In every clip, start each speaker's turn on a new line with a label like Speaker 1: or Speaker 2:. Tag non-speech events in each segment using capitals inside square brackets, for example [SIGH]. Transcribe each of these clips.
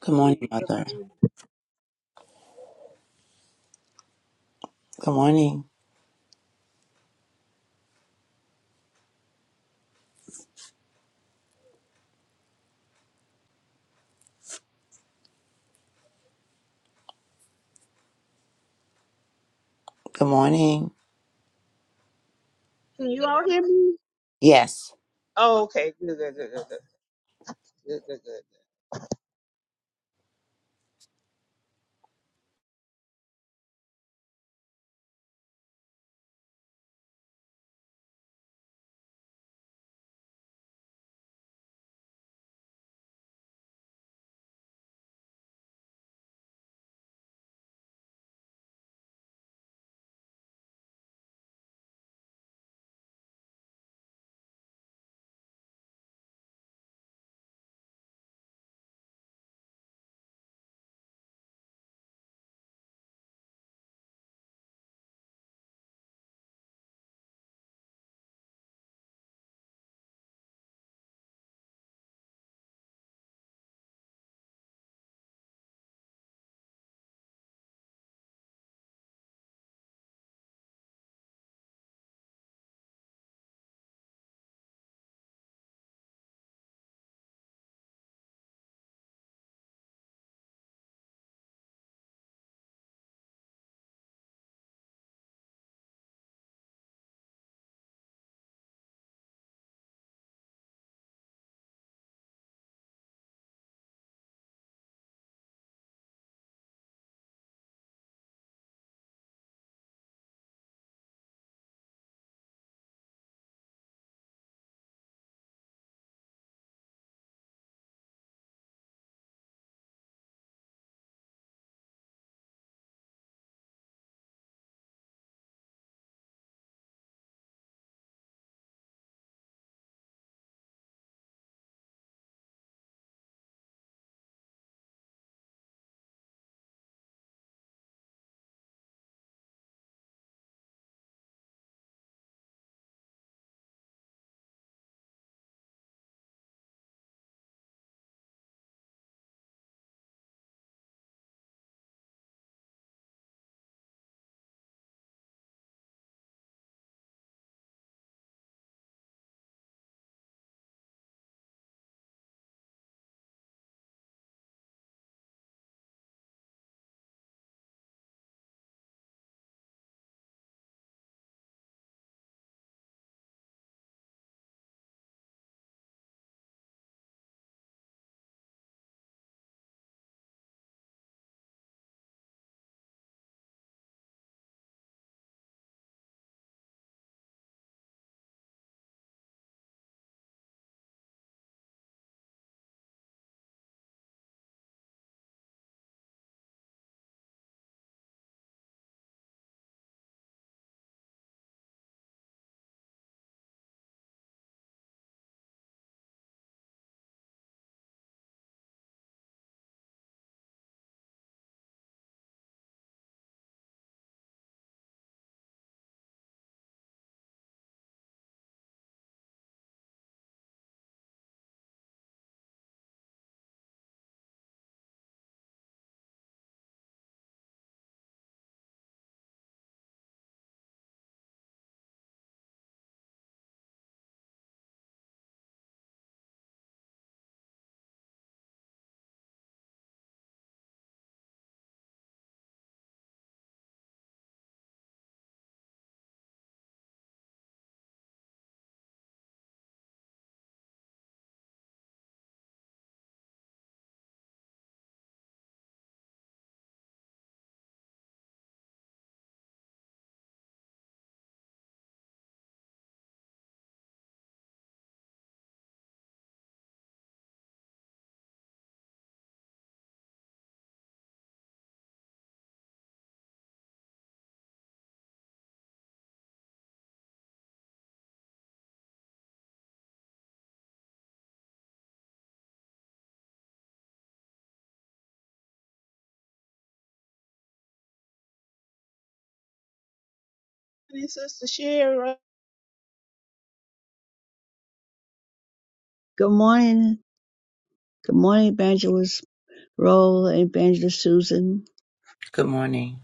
Speaker 1: Good
Speaker 2: morning.
Speaker 1: morning,
Speaker 2: Good
Speaker 1: Mother.
Speaker 2: morning.
Speaker 1: Good morning. Good morning.
Speaker 2: Can you all hear me?
Speaker 1: Yes.
Speaker 2: Oh, okay. Good, good, good, good, good, good, good. good. Hey, Sister Shira,
Speaker 3: Good morning. Good morning, Evangelist Roll and Evangelist Susan.
Speaker 1: Good morning.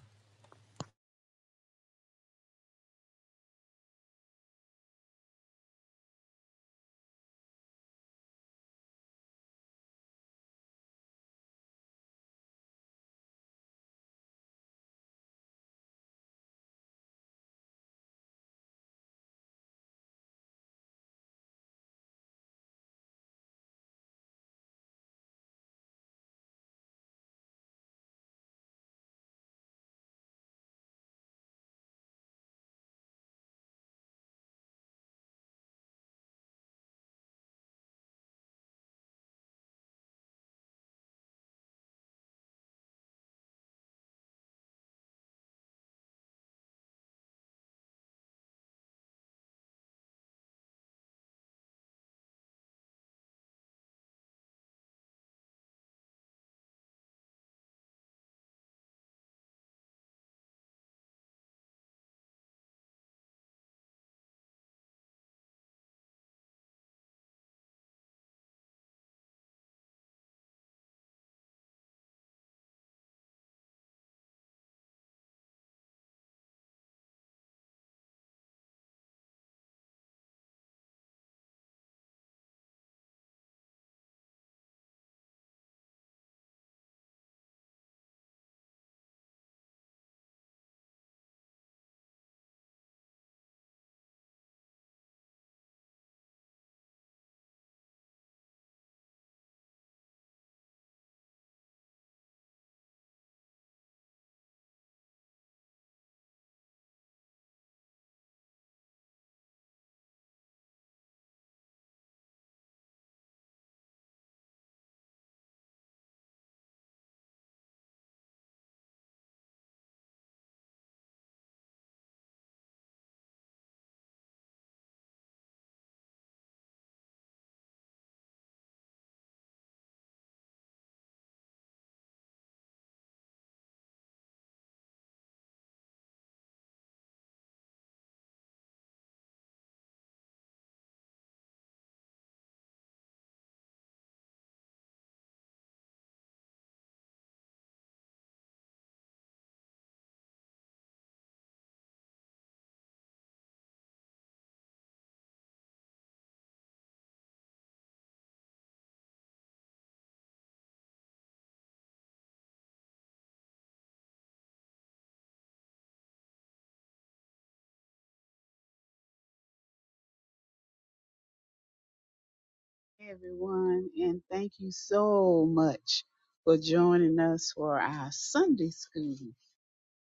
Speaker 2: Hey, everyone, and thank you so much for joining us for our Sunday school.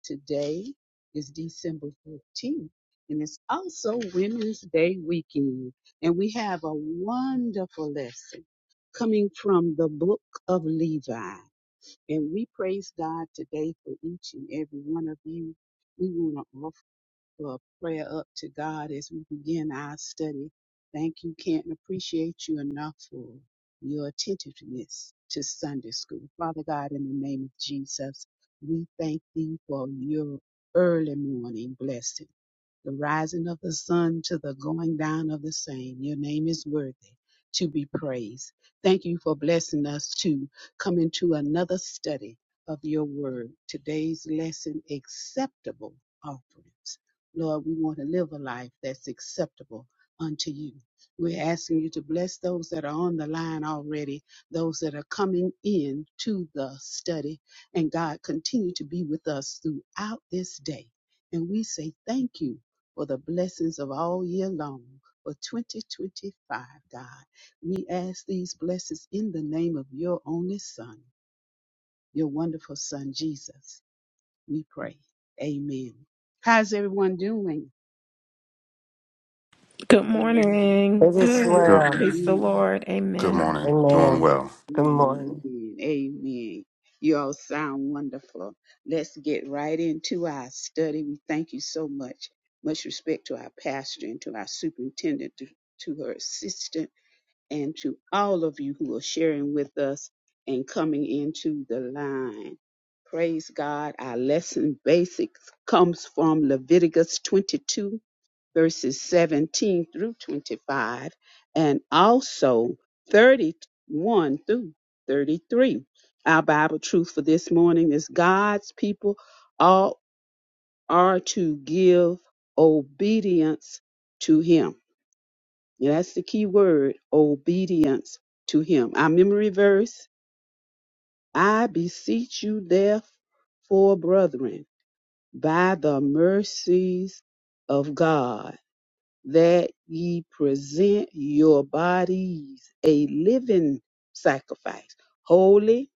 Speaker 2: Today is December 14th, and it's also Women's Day weekend. And we have a wonderful lesson coming from the book of Levi. And we praise God today for each and every one of you. We want to for a prayer up to God as we begin our study. Thank you, Kent, and appreciate you enough for your attentiveness to Sunday school. Father God, in the name of Jesus, we thank thee for your early morning blessing, the rising of the sun to the going down of the same. Your name is worthy to be praised. Thank you for blessing us to come into another study of your word. Today's lesson, acceptable offerings. Lord, we want to live a life that's acceptable unto you. We're asking you to bless those that are on the line already, those that are coming in to the study. And God, continue to be with us throughout this day. And we say thank you for the blessings of all year long for 2025, God. We ask these blessings in the name of your only Son, your wonderful Son, Jesus. We pray. Amen. How's everyone doing?
Speaker 4: Good
Speaker 2: Amen.
Speaker 4: morning.
Speaker 5: It is
Speaker 4: Good.
Speaker 6: Good,
Speaker 5: well.
Speaker 4: Praise the
Speaker 2: Amen.
Speaker 4: Lord.
Speaker 6: good
Speaker 4: Amen.
Speaker 6: morning. Doing
Speaker 5: Amen.
Speaker 6: well.
Speaker 5: Good morning.
Speaker 2: Amen. You all sound wonderful. Let's get right into our study. We thank you so much. Much respect to our pastor and to our superintendent, to, to her assistant, and to all of you who are sharing with us and coming into the line. Praise God. Our lesson basics comes from Leviticus 22 verses 17 through 25, and also 31 through 33. Our Bible truth for this morning is God's people all are to give obedience to Him. Yeah, that's the key word obedience to Him. Our memory verse I beseech you, therefore, brethren, by the mercies of God that ye present your bodies a living sacrifice, holy,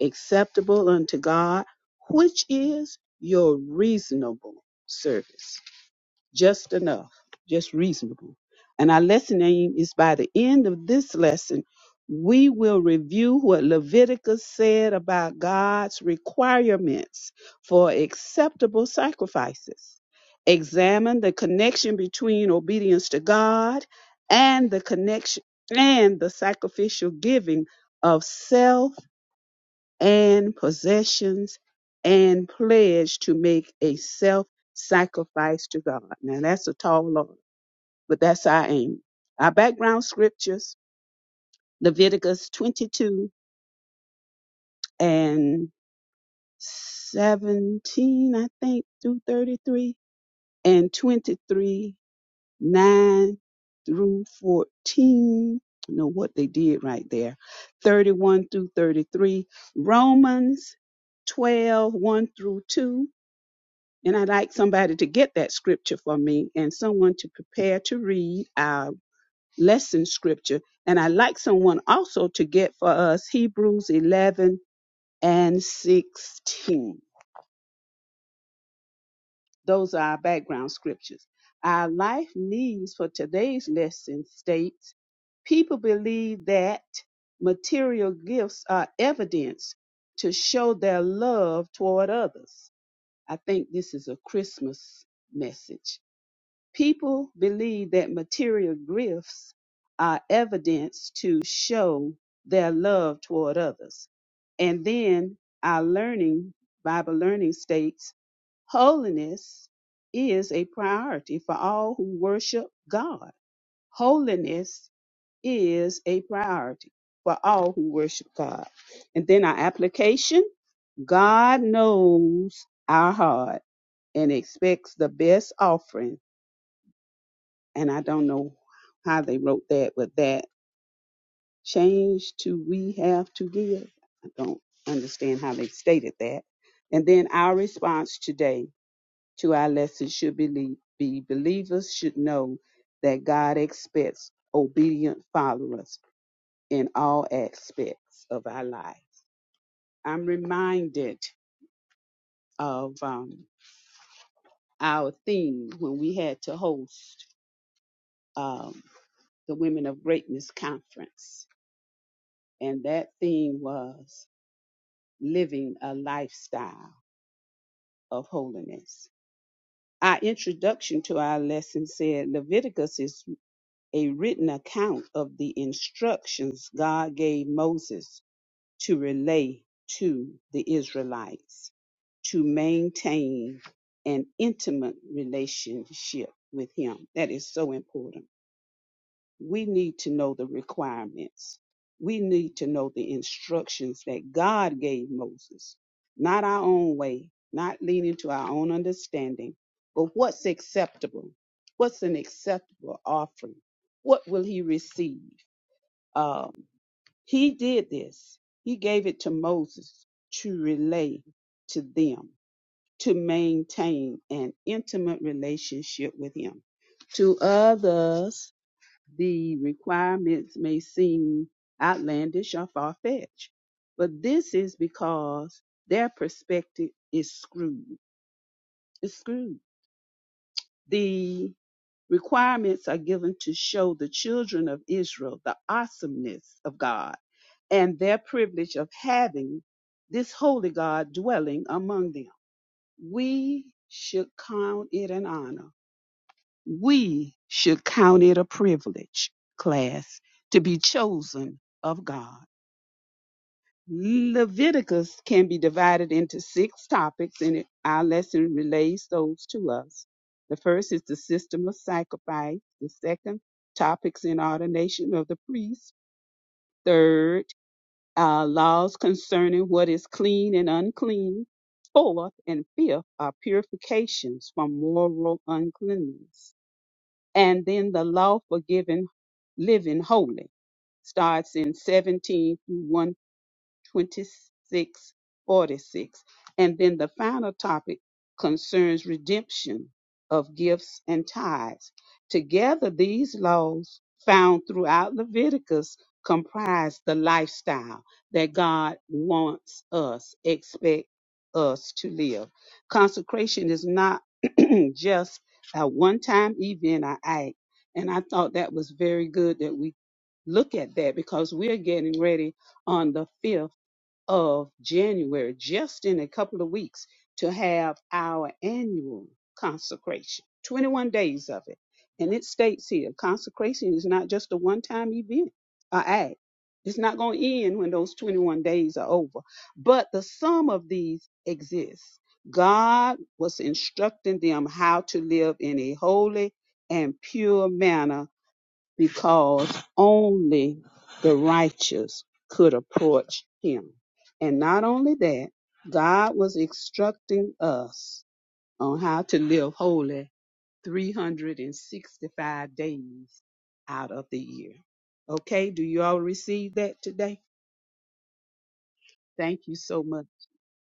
Speaker 2: acceptable unto God, which is your reasonable service just enough, just reasonable. And our lesson aim is by the end of this lesson, we will review what Leviticus said about God's requirements for acceptable sacrifices, examine the connection between obedience to God and the connection and the sacrificial giving of self and possessions and pledge to make a self sacrifice to God. Now that's a tall order, but that's our aim. Our background scriptures, Leviticus 22 and 17, I think, through 33, and 23, 9 through 14. I know what they did right there. 31 through 33. Romans 12, one through 2 And I'd like somebody to get that scripture for me and someone to prepare to read our lesson scripture. And I'd like someone also to get for us Hebrews 11 and 16. Those are our background scriptures. Our life needs for today's lesson states people believe that material gifts are evidence to show their love toward others. I think this is a Christmas message People believe that material gifts are evidence to show their love toward others. And then our learning, Bible learning states, holiness is a priority for all who worship God. Holiness is a priority for all who worship God. And then our application God knows our heart and expects the best offering and I don't know how they wrote that, but that change to we have to give. I don't understand how they stated that. And then our response today to our lesson should be, be believers should know that God expects obedient followers in all aspects of our life. I'm reminded of um, our theme when we had to host um, the Women of Greatness Conference and that theme was living a lifestyle of holiness. Our introduction to our lesson said Leviticus is a written account of the instructions God gave Moses to relay to the Israelites to maintain an intimate relationship with Him. That is so important. we need to know the requirements. We need to know the instructions that God gave Moses, not our own way, not leaning to our own understanding, but what's acceptable? What's an acceptable offering? What will he receive? Um, he did this. He gave it to Moses to relay to them, to maintain an intimate relationship with him. To others, the requirements may seem outlandish or far fetched, but this is because their perspective is screwed. It's screwed. The requirements are given to show the children of Israel the awesomeness of God and their privilege of having this holy God dwelling among them. We should count it an honor we should count it a privilege, class, to be chosen of God. Leviticus can be divided into six topics, and it- our lesson relays those to us. The first is the system of sacrifice. The second, topics in ordination of the priest. Third, uh, laws concerning what is clean and unclean. Fourth and fifth are purifications from moral uncleanness and then the law for giving, living holy starts in 17 through one twenty six forty six. And then the final topic concerns redemption of gifts and tithes. Together, these laws found throughout Leviticus comprise the lifestyle that God wants us, expect us to live. Consecration is not [CLEARS THROAT] just a one time event or act. And I thought that was very good that we look at that because we're getting ready on the 5th of January, just in a couple of weeks, to have our annual consecration, 21 days of it. And it states here consecration is not just a one time event or act, it's not going to end when those 21 days are over. But the sum of these exists. God was instructing them how to live in a holy and pure manner because only the righteous could approach him. And not only that, God was instructing us on how to live holy 365 days out of the year. Okay, do you all receive that today? Thank you so much.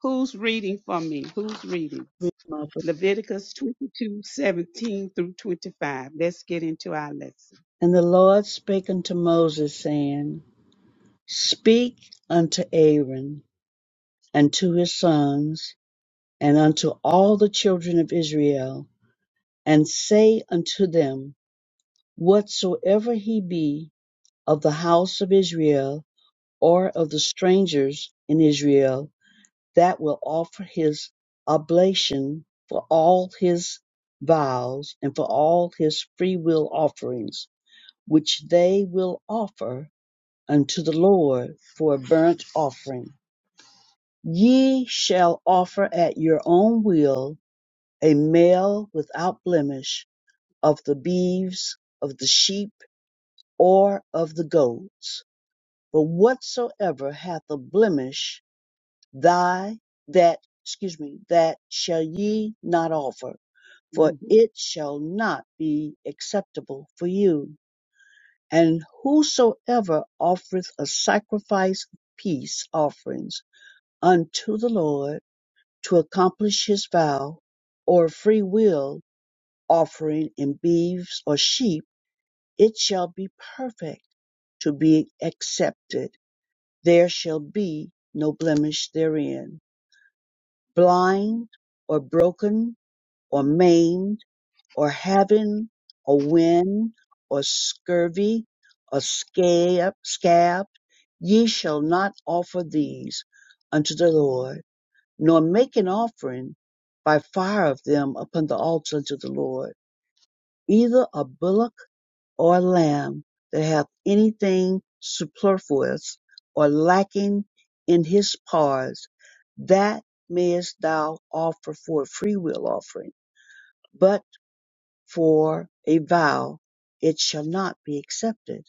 Speaker 2: Who's reading for me? Who's reading?
Speaker 3: And
Speaker 2: Leviticus 22:17 through 25. Let's get into our lesson.
Speaker 3: the Lord spake unto Moses, saying, Speak unto Aaron and to his sons and unto all the children of Israel, and say unto them, Whatsoever he be of the house of Israel or of the strangers in Israel, that will offer his oblation for all his vows and for all his freewill offerings, which they will offer unto the Lord for a burnt offering. Ye shall offer at your own will a male without blemish of the beeves, of the sheep, or of the goats. But whatsoever hath a blemish thy that excuse me that shall ye not offer for
Speaker 2: Mhm,
Speaker 3: it shall not be acceptable for you and whosoever offereth a sacrifice of peace offerings unto the lord to accomplish his vow or a free will offering in beeves or sheep it shall be perfect to be accepted there shall be no blemish therein blind or broken or maimed or having a wind or scurvy or scab, scab, ye shall not offer these unto the Lord, nor make an offering by fire of them upon the altar unto the Lord, either a bullock or a lamb that hath anything superfluous or lacking in his parts, that mayest thou offer for a freewill offering for a vow, it shall not be accepted.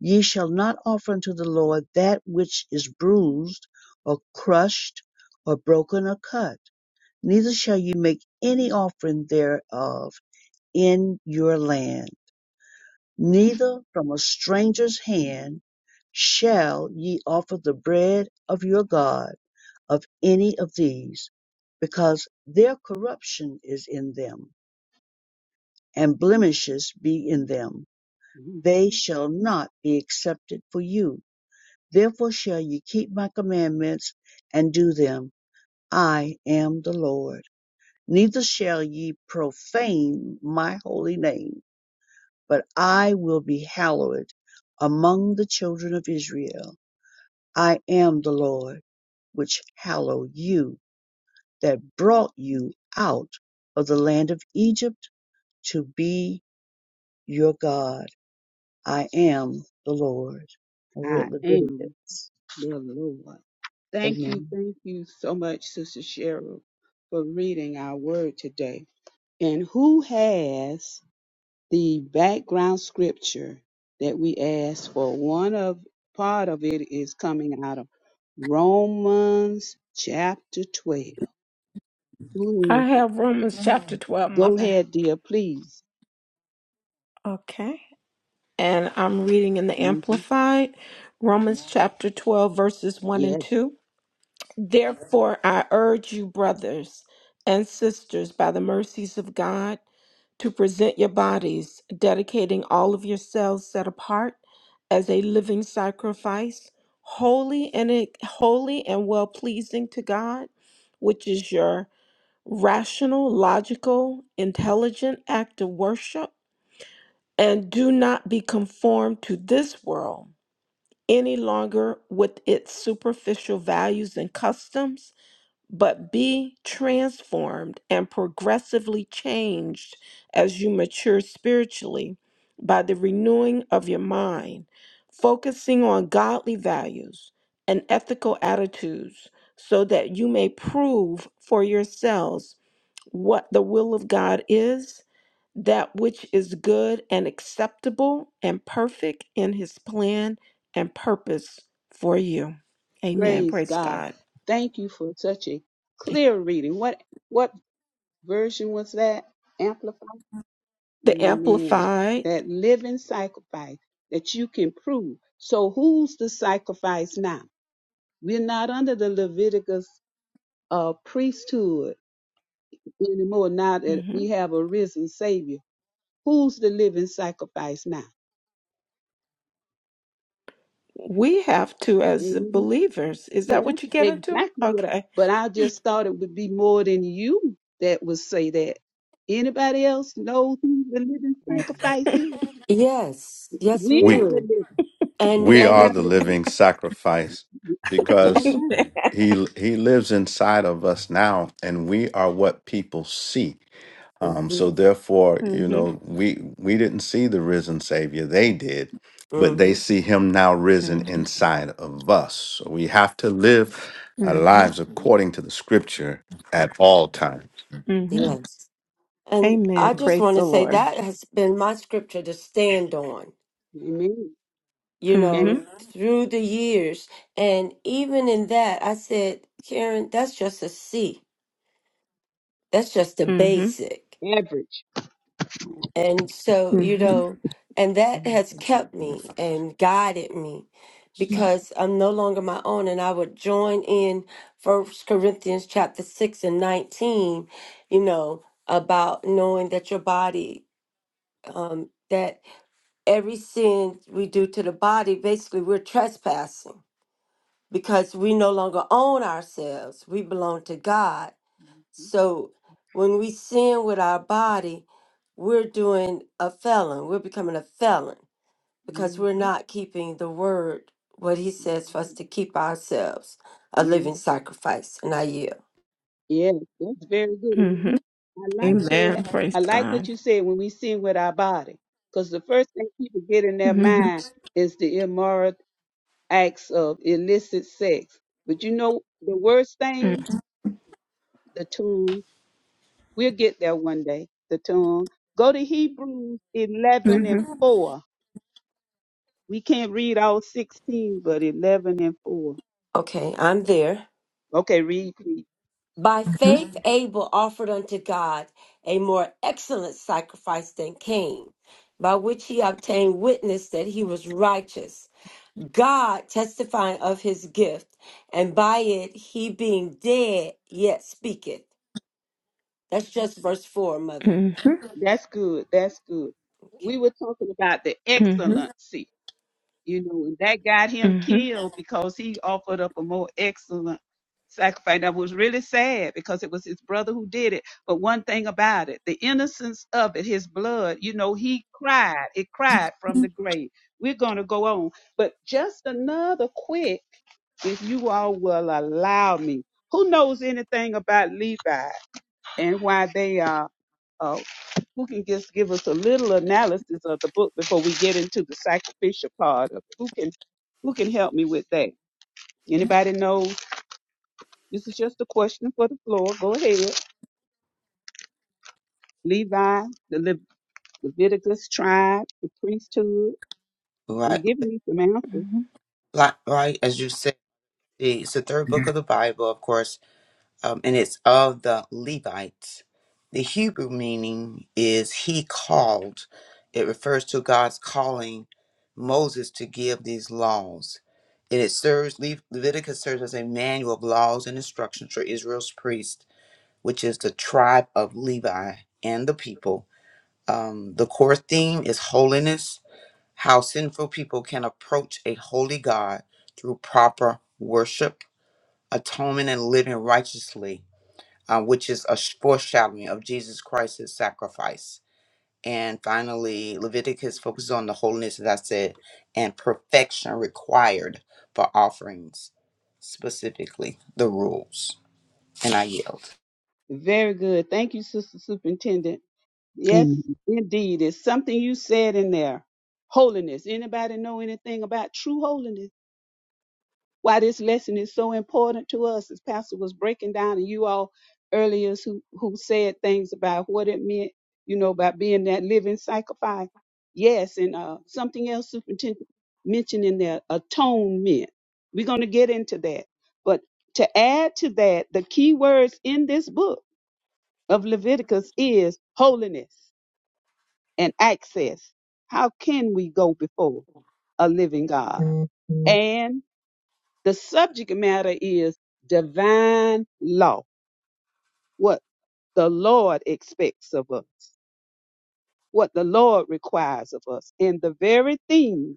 Speaker 3: Ye shall not offer unto the Lord that which is bruised, or crushed, or broken, or cut, neither shall ye make any offering thereof in your land. Neither from a stranger's hand shall ye offer the bread of your God of any of these, because their corruption is in them, and blemishes be in them they
Speaker 2: mhm.
Speaker 3: shall not be accepted for you. Therefore shall ye keep my commandments and do them. I am the Lord. Neither shall ye profane my holy name, but I will be hallowed among the children of Israel. I am the Lord, which hallowed you, that brought you out of the land of Egypt to be your God. I am the Lord. I
Speaker 2: I
Speaker 3: read
Speaker 2: am.
Speaker 3: Leviticus.
Speaker 2: The Lord. Thank you,
Speaker 3: Amen.
Speaker 2: thank you so much, Sister Cheryl, for reading our word today. And who has the background scripture that we asked for? One of part of it is coming out of Romans chapter 12. Who
Speaker 4: I
Speaker 2: is-
Speaker 4: have Romans chapter 12,
Speaker 2: Go
Speaker 4: Mother.
Speaker 2: ahead, dear, please.
Speaker 4: Okay. And I'm reading in the
Speaker 2: hmm
Speaker 4: Amplified Romans chapter 12, verses 1 and
Speaker 2: Yes,
Speaker 4: 2. Therefore, I urge you, brothers and sisters, by the mercies of God, to present your bodies, dedicating all of yourselves set apart as a living sacrifice, holy and e, holy and well pleasing to God, which is your rational, logical, intelligent act of worship, and do not be conformed to this world any longer with its superficial values and customs, but be transformed and progressively changed as you mature spiritually by the renewing of your mind, focusing on godly values and ethical attitudes, so that you may prove for yourselves what the will of God is, that which is good and acceptable and perfect in his plan and purpose for you. Amen.
Speaker 2: praise
Speaker 4: Praise
Speaker 2: God.
Speaker 4: God.
Speaker 2: Thank you for such a clear reading. What what version was that? Amplified?
Speaker 4: The
Speaker 2: Amen.
Speaker 4: Amplified.
Speaker 2: That living sacrifice that you can prove. So who's the sacrifice now? We're not under the Leviticus uh, priesthood anymore now that
Speaker 4: mhm.
Speaker 2: we have a risen Savior. Who's the living sacrifice now?
Speaker 4: We have to, as the
Speaker 2: Mhm.
Speaker 4: believers, is
Speaker 2: Yeah,
Speaker 4: that what you get into?
Speaker 2: exactly what I,
Speaker 4: Okay.
Speaker 2: but I just thought it would be more than you that would say that. Anybody else know who the living sacrifice is?
Speaker 5: Yes, yes, we
Speaker 2: We're
Speaker 6: We
Speaker 2: the
Speaker 5: do.
Speaker 2: living.
Speaker 5: And
Speaker 6: we
Speaker 2: They
Speaker 6: are
Speaker 5: and
Speaker 2: have
Speaker 6: the
Speaker 2: to be.
Speaker 6: living sacrifice
Speaker 2: All
Speaker 4: [LAUGHS]
Speaker 6: because
Speaker 2: right.
Speaker 4: Amen.
Speaker 6: he he lives inside of us now, and we are what people see. Um,
Speaker 5: hmm
Speaker 6: so therefore, you
Speaker 4: hmm
Speaker 6: know, we we didn't see the risen Savior; they did, but they
Speaker 5: hmm
Speaker 6: see him now risen
Speaker 4: hmm
Speaker 6: inside of us. So we have to live our
Speaker 4: hmm
Speaker 6: lives according to the Scripture at all times.
Speaker 4: hmm
Speaker 5: yes. And
Speaker 4: Amen.
Speaker 5: I just
Speaker 4: Praise
Speaker 5: want to
Speaker 4: the
Speaker 5: say
Speaker 4: Lord.
Speaker 5: that has been my scripture to stand on,
Speaker 2: Amen.
Speaker 5: you
Speaker 2: and
Speaker 5: know,
Speaker 4: hmm
Speaker 5: through the years. And even in that, I said, Karen, that's just a C. That's just the
Speaker 4: hmm
Speaker 5: basic.
Speaker 2: average.
Speaker 5: And so, you
Speaker 4: hmm
Speaker 5: know, and that has kept
Speaker 6: Let me
Speaker 5: me
Speaker 6: find
Speaker 5: and guided me
Speaker 6: this time.
Speaker 5: because I'm no longer my own. And I would join in First Corinthians chapter 6 and 19, you know, about knowing that your body, um, that every sin we do to the body, basically we're trespassing because we no longer own ourselves. We belong to God. So when we sin with our body, we're doing a felon. We're becoming a felon because
Speaker 2: hmm
Speaker 5: we're not keeping the word, what he says for us to keep ourselves a
Speaker 2: hmm
Speaker 5: living sacrifice. And I yield.
Speaker 2: Yeah, that's very good. And when
Speaker 4: hmm
Speaker 2: we- I like
Speaker 4: Amen.
Speaker 2: that.
Speaker 4: Praise
Speaker 2: I like what
Speaker 4: God.
Speaker 2: you said when we sing with our body. Because the first thing people get in their
Speaker 4: hmm
Speaker 2: mind is the immoral acts of illicit sex. But you know, the worst thing, the tongue, we'll get there one day, the tongue. Go to Hebrews 11
Speaker 4: hmm
Speaker 2: and 4. We can't read all 16, but 11 and 4.
Speaker 5: Okay, I'm there.
Speaker 2: Okay, read, please.
Speaker 5: By
Speaker 4: Mm
Speaker 5: faith, Abel offered unto God a more excellent sacrifice than Cain, by which he obtained witness that he was righteous. God testifying of his gift, and by it he being dead yet speaketh. That's just verse four, mother.
Speaker 4: Mhm,
Speaker 2: That's good. That's good. We
Speaker 5: Okay.
Speaker 2: were talking about the
Speaker 4: mm mhm,
Speaker 2: excellency, you know, and that got him
Speaker 4: mm mhm,
Speaker 2: killed because he offered up a more excellent sacrifice. That was really sad because it was his brother who did it. But one thing about it, the innocence of it, his blood, you know, he cried. It cried from the grave. We're going to go on. But just another quick, if you all will allow me, who knows anything about Levi? and why they are, uh, who can just give us a little analysis of the book before we get into the sacrificial part of it? Who can, who can help me with that? Anybody knows? This is just a question for the floor. Go ahead. Levi, the Le- Leviticus tribe, the priesthood. I'm
Speaker 1: Right,
Speaker 2: giving you some answers.
Speaker 4: mhm,
Speaker 1: right, right. As you said, the- it's the third book
Speaker 4: mhm.
Speaker 1: of the Bible, of course, um, and it's of the Levites. The Hebrew meaning is "He called." It refers to God's calling Moses to give these laws, and it serves Le- Leviticus serves as a manual of laws and instructions for Israel's priest, which is the tribe of Levi and the people Um, the core theme is holiness, how sinful people can approach a holy God through proper worship, atonement, and living righteously, uh, which is a sh- foreshadowing of Jesus Christ's sacrifice. And finally, Leviticus focuses on the holiness, as I said, and perfection required for offerings, specifically the rules. And I yield.
Speaker 2: Very good. Thank you, Sister Superintendent. Yes,
Speaker 3: Amen.
Speaker 2: indeed. It's something you said in there. Holiness. Anybody know anything about true holiness? why this lesson is so important to us as pastor was breaking down and you all earlier who, who said things about what it meant you know about being that living sacrifice yes and uh, something else superintendent mentioned in there atonement we're going to get into that but to add to that the key words in this book of leviticus is holiness and access how can we go before a living god and the subject matter is divine law, what the Lord expects of us, what the Lord requires of us. And the very thing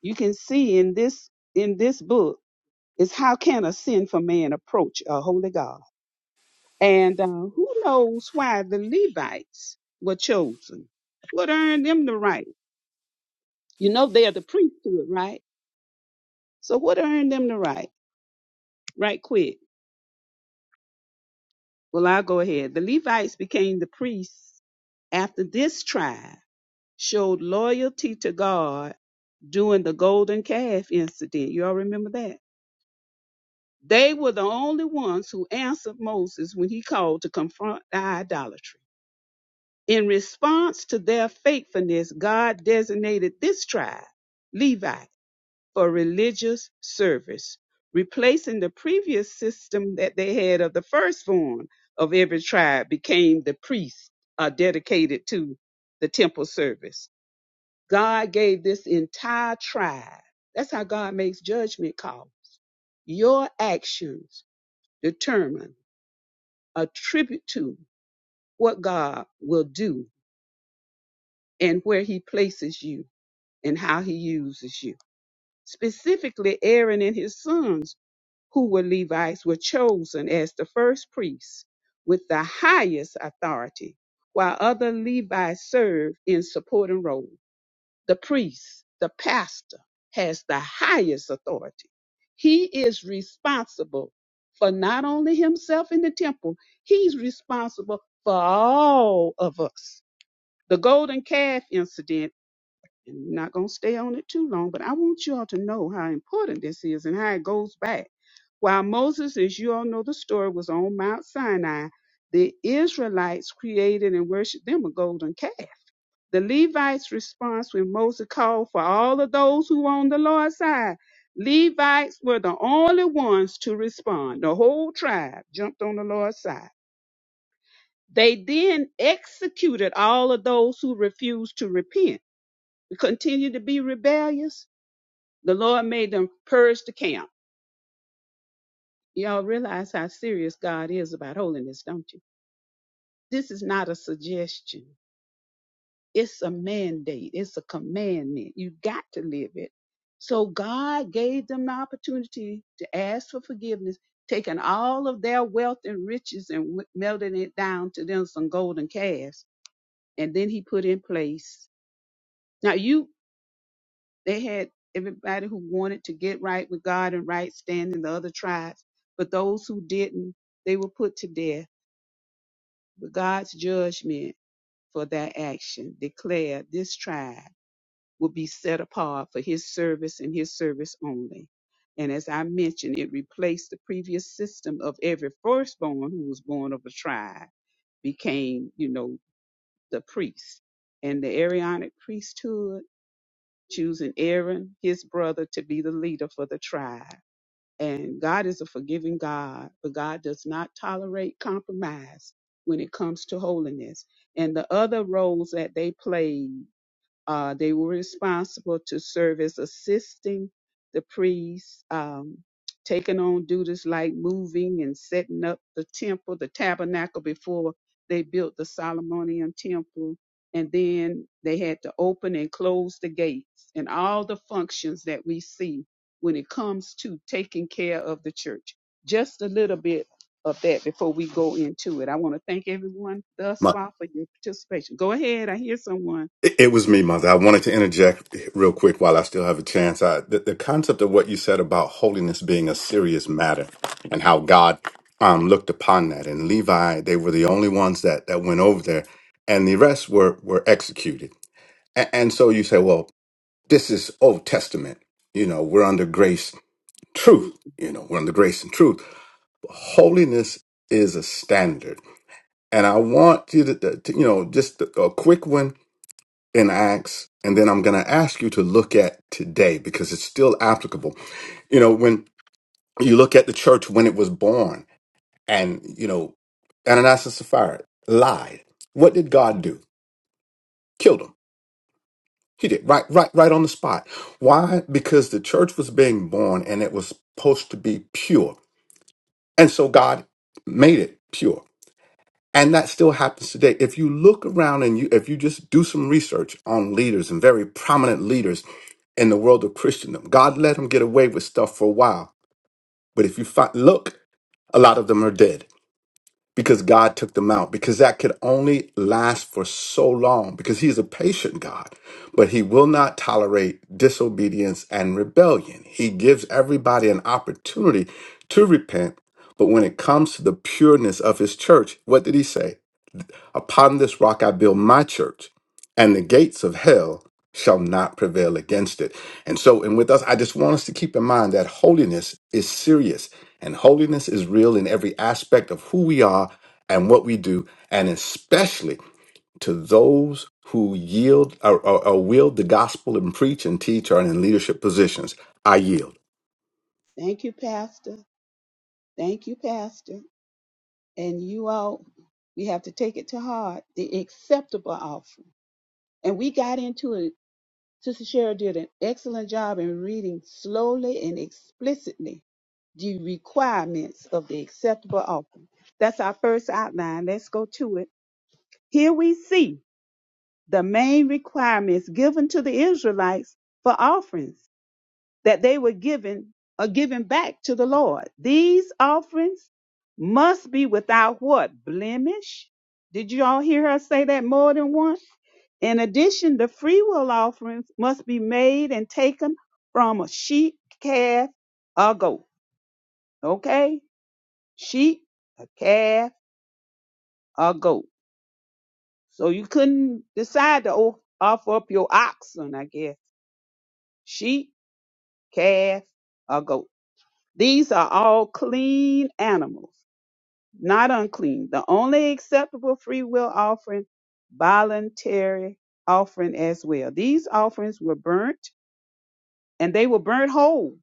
Speaker 2: you can see in this in this book is how can a sinful man approach a holy God? And uh, who knows why the Levites were chosen? What earned them the right? You know they're the priesthood, right? So what earned them the right? Right quick. Well, I'll go ahead. The Levites became the priests After this tribe showed loyalty to God during the golden calf incident, y'all remember that? They were the only ones who answered Moses when he called to confront the idolatry. In response to their faithfulness, God designated this tribe, Levi, for religious service, replacing the previous system that they had of the firstborn of every tribe became the priest, uh, dedicated to the temple service. God gave this entire tribe. That's how God makes judgment calls. Your actions determine, attribute to what God will do and where he places you and how he uses you. Specifically, Aaron and his sons, who were Levites, were chosen as the first priests with the highest authority, while other Levites served in supporting roles. the priest, the pastor, has the highest authority. He is responsible for not only himself in the temple, he's responsible for all of us. The golden calf incident, and I'm not going to stay on it too long, but I want you all to know how important this is and how it goes back. While Moses, as you all know the story, was on Mount Sinai, the Israelites created and worshiped them a golden calf the Levites' response when Moses called for all of those who were on the Lord's side, Levites were the only ones to respond. The whole tribe jumped on the Lord's side. They then executed all of those who refused to repent, continued to be rebellious. The Lord made them purge the camp. Y'all realize how serious God is about holiness, don't you? This is not a suggestion. It's a mandate, it's a commandment. You got to live it. So God gave them the opportunity to ask for forgiveness, taking all of their wealth and riches and w- melting it down to them some golden calves. And then he put in place. Now you they had everybody who wanted to get right with God and right standing the other tribes, but those who didn't, they were put to death. But God's judgment for their action declared this tribe. will be set apart for his service and his service only. And as I mentioned, it replaced the previous system of every firstborn who was born of a tribe became, you know, the priest. And the Aaronic priesthood, choosing Aaron, his brother, to be the leader for the tribe. And God is a forgiving God, but God does not tolerate compromise when it comes to holiness. And the other roles that they played uh, they were responsible to serve as assisting the priests, um, taking on duties like moving and setting up the temple, the tabernacle before they built the Solomonian temple. And then they had to open and close the gates and all the functions that we see when it comes to taking care of the church. Just a little bit of that before we go into it. I want to thank everyone thus far for your participation. Go ahead. I hear someone.
Speaker 6: It, it was me, Mother. I wanted to interject real quick while I still have a chance. I, the, the concept of what you said about holiness being a serious matter and how God um, looked upon that. And Levi, they were the only ones that, that went over there, and the rest were, were executed. And, and so you say, well, this is Old Testament. You know, we're under grace, truth.
Speaker 2: Mm,
Speaker 6: You know, we're under grace and truth. holiness is a standard. And I want you to, to you know, just a a quick one in Acts, and then I'm going to ask you to look at today because it's still applicable. You know, when you look at the church when it was born, and you know, Ananias and Sapphira lied. What did God do? Killed them. He did right, right, right on the spot. Why? Because the church was being born and it was supposed to be pure, and so God made it pure. And that still happens today. If you look around and you, if you just do some research on leaders and very prominent leaders in the world of Christendom, God let them get away with stuff for a while. But if you fi- look, a lot of them are dead because God took them out because that could only last for so long because He's a patient God, but He will not tolerate disobedience and rebellion. He gives everybody an opportunity to repent. But when it comes to the pureness of His church, what did He say? Upon this rock I build my church, and the gates of hell shall not prevail against it. And so, and with us, I just want us to keep in mind that holiness is serious and holiness is real in every aspect of who we are and what we do, and especially to those who yield or, or, or wield the gospel and preach and teach or are in leadership positions. I yield.
Speaker 2: Thank you, Pastor. Thank you, Pastor. And you all, we have to take it to heart the acceptable offering. And we got into it. Sister Cheryl did an excellent job in reading slowly and explicitly the requirements of the acceptable offering. That's our first outline. Let's go to it. Here we see the main requirements given to the Israelites for offerings that they were given or given back to the Lord. These offerings must be without what? Blemish. Did you all hear her say that more than once? In addition, the free will offerings must be made and taken from a sheep, calf, or goat. Okay? Sheep, a calf, or goat. So you couldn't decide to o- offer up your oxen, I guess. Sheep, calf, or goat. These are all clean animals, not unclean. The only acceptable free will offering, voluntary offering as well. These offerings were burnt and they were burnt whole,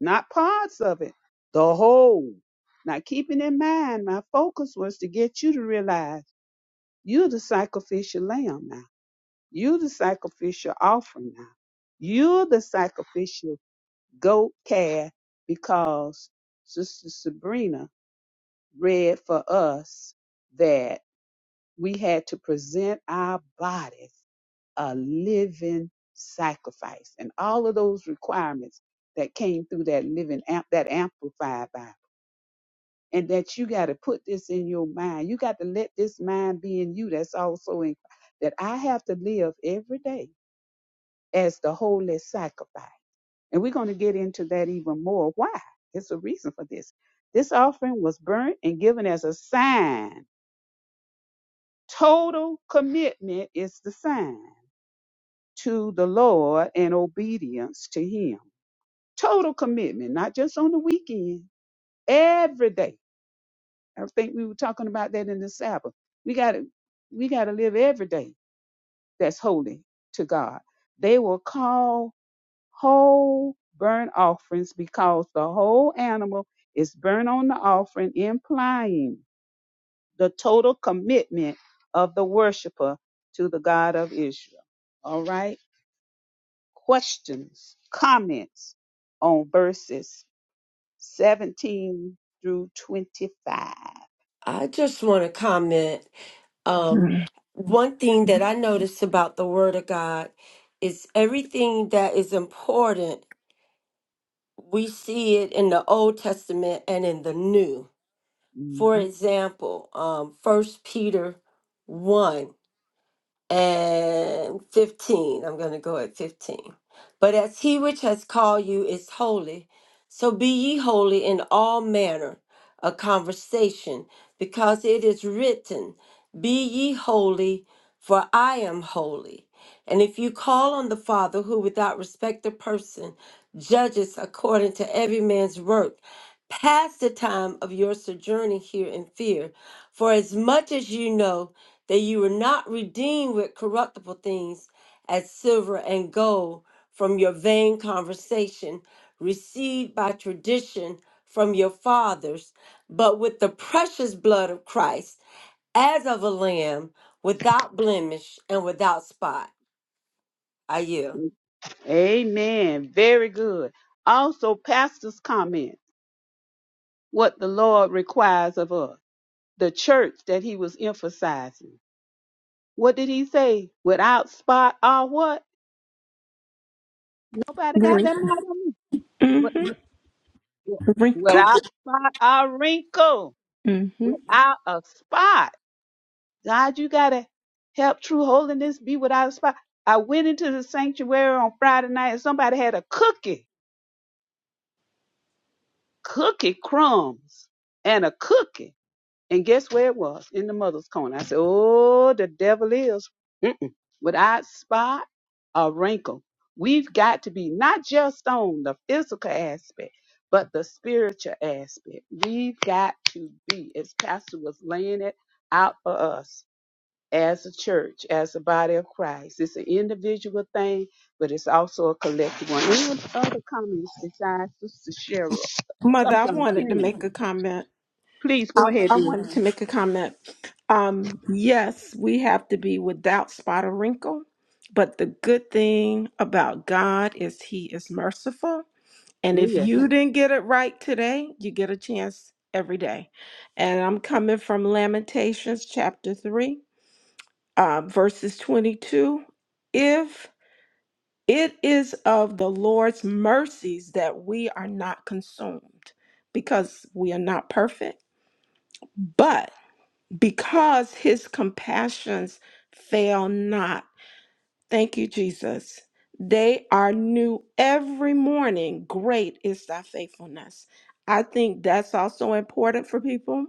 Speaker 2: not parts of it, the whole. Now, keeping in mind, my focus was to get you to realize you're the sacrificial lamb now. You're the sacrificial offering now. You're the sacrificial goat calf because Sister Sabrina read for us that we had to present our bodies a living sacrifice and all of those requirements that came through that living amp that amplified Bible. And that you got to put this in your mind. You got to let this mind be in you. That's also in that I have to live every day as the holy sacrifice. And we're going to get into that even more. Why? It's a reason for this. This offering was burnt and given as a sign. Total commitment is the sign to the Lord and obedience to Him. Total commitment, not just on the weekend, every day. I think we were talking about that in the Sabbath. We got to we got to live every day that's holy to God. They will call whole burnt offerings because the whole animal is burnt on the offering, implying the total commitment of the worshiper to the God of Israel. All right. Questions, comments on verses 17 through 25.
Speaker 5: I just want to comment. Um,
Speaker 4: mm Mhm,
Speaker 5: one thing that I noticed about the Word of God is everything that is important, we see it in the Old Testament and in the New. For
Speaker 2: Mhm.
Speaker 5: example, um, 1 Peter 1. and 15. I'm going to go at 15. But as he which has called you is holy, so be ye holy in all manner of conversation, because it is written, Be ye holy, for I am holy. And if you call on the Father, who without respect of person judges according to every man's work, pass the time of your sojourning here in fear, for as much as you know that you were not redeemed with corruptible things as silver and gold from your vain conversation received by tradition from your fathers, but with the precious blood of Christ, as of a lamb, without blemish and without spot. I yield.
Speaker 2: Amen. Very good. Also, pastor's comment what the Lord requires of us, the church that he was emphasizing. What did he say? Without spot or what? Nobody got that
Speaker 4: Wrinkle.
Speaker 2: mark on me. What- what- Without spot or wrinkle.
Speaker 4: mm mhm.
Speaker 2: Without a spot. God, you gotta help true holiness be without a spot. I went into the sanctuary on Friday night and somebody had a cookie, cookie crumbs and a cookie. And guess where it was? In the mother's corner. I said, Oh, the devil is Mm-mm. without spot or wrinkle. We've got to be not just on the physical aspect, but the spiritual aspect. We've got to be, as Pastor was laying it out for us as a church, as a body of Christ. It's an individual thing, but it's also a collective one. Any other comments besides Sister Cheryl?
Speaker 4: Mother,
Speaker 2: I'm
Speaker 4: I
Speaker 2: sorry,
Speaker 4: wanted to
Speaker 2: Karen.
Speaker 4: make a comment.
Speaker 2: Please
Speaker 4: I,
Speaker 2: go ahead,
Speaker 4: I
Speaker 2: dear.
Speaker 4: wanted to make a comment. Um, yes, we have to be without spot or wrinkle, but the good thing about God is He is merciful. And
Speaker 2: Oh,
Speaker 4: if
Speaker 2: yeah.
Speaker 4: you didn't get it right today, you get a chance every day. And I'm coming from Lamentations chapter 3, uh, verses 22. If It is of the Lord's mercies that we are not consumed because we are not perfect, but because his compassions fail not. Thank you, Jesus. They are new every morning. Great is thy faithfulness. I think that's also important for people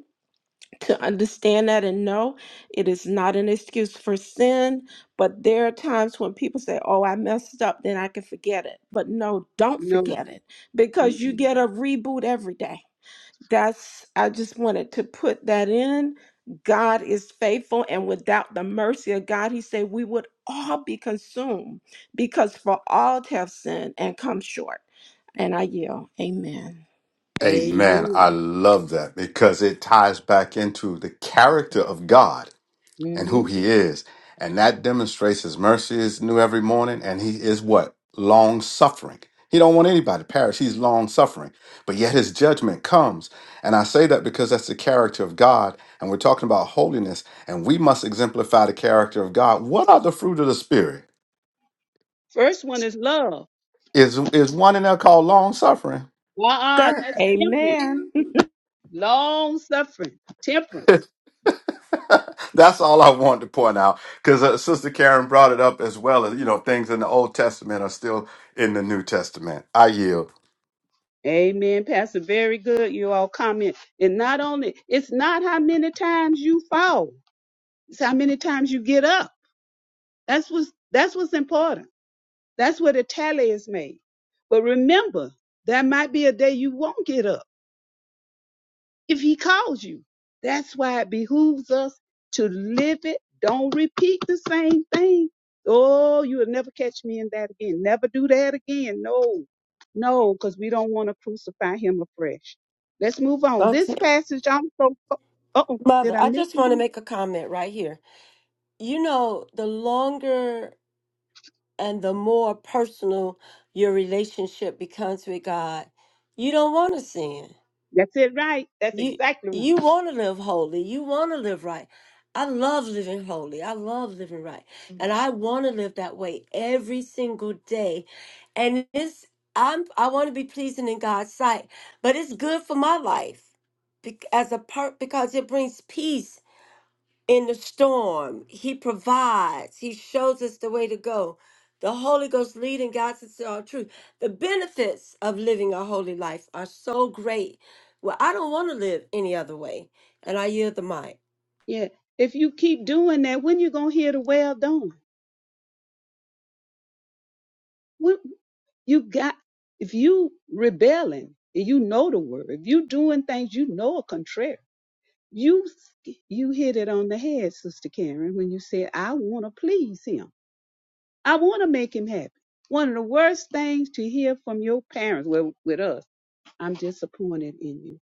Speaker 4: to understand that and know it is not an excuse for sin. But there are times when people say, Oh, I messed up, then I can forget it. But no, don't
Speaker 2: No.
Speaker 4: forget it because you
Speaker 2: Mm-mm.
Speaker 4: get a reboot every day. That's, I just wanted to put that in. God is faithful, and without the mercy of God, He said, We would all be consumed because for all to have sinned and come short. And I yield. Amen.
Speaker 6: Amen.
Speaker 2: Amen.
Speaker 6: I love that because it ties back into the character of God and
Speaker 2: hmm
Speaker 6: who he is. And that demonstrates his mercy is new every morning. And he is what? Long suffering. He don't want anybody to perish. He's long suffering. But yet his judgment comes. And I say that because that's the character of God. And we're talking about holiness. And we must exemplify the character of God. What are the fruit of the spirit?
Speaker 2: First one is love.
Speaker 6: Is is one in there called long suffering? [LAUGHS]
Speaker 2: Uh-uh,
Speaker 4: God,
Speaker 2: that's temperance,
Speaker 4: Amen. [LAUGHS] the
Speaker 2: long suffering, temperance.
Speaker 6: That's all I wanted to point out because uh, Sister Karen brought it up as well as you know things in the Old Testament are still in the New Testament. I yield.
Speaker 2: Amen, Pastor. Very good. You all comment. And not only, it's not how many times you fall, it's how many times you get up. That's what's that's what's important. That's where the tally is made. But remember, there might be a day you won't get up. if he calls you. That's why it behooves us to live it. Don't repeat the same thing. Oh, you'll never catch me in that again. Never do that again. No, no, because we don't want to crucify him afresh. Let's move on. This
Speaker 5: Okay.
Speaker 2: passage I'm so, oh, did
Speaker 5: Mother,
Speaker 2: I
Speaker 5: I
Speaker 2: miss
Speaker 5: just want to
Speaker 2: something?
Speaker 5: make a comment right here. You know, the longer and the more personal your relationship becomes with God, you don't want to sin.
Speaker 2: That's it, right? That's
Speaker 5: You
Speaker 2: exactly
Speaker 5: you
Speaker 2: right.
Speaker 5: want to live holy. You want to live right. I love living holy. I love living right. And I want to live that way every single day. And it's I'm I want to be pleasing in God's sight, but it's good for my life bec- as a part because it brings peace in the storm. He provides. He shows us the way to go. The Holy Ghost leading guides us to all truth. The benefits of living a holy life are so great. Well, I don't want to live any other way. And I yield the mic.
Speaker 2: Yeah. If you keep doing that, when you going to hear the well done? When, You got if you rebelling and you know the word, if you doing things you know are contrary, you you hit it on the head, Sister Karen, when you said, I want to please him. I want to make him happy. One of the worst things to hear from your parents, well, with us, I'm disappointed in you.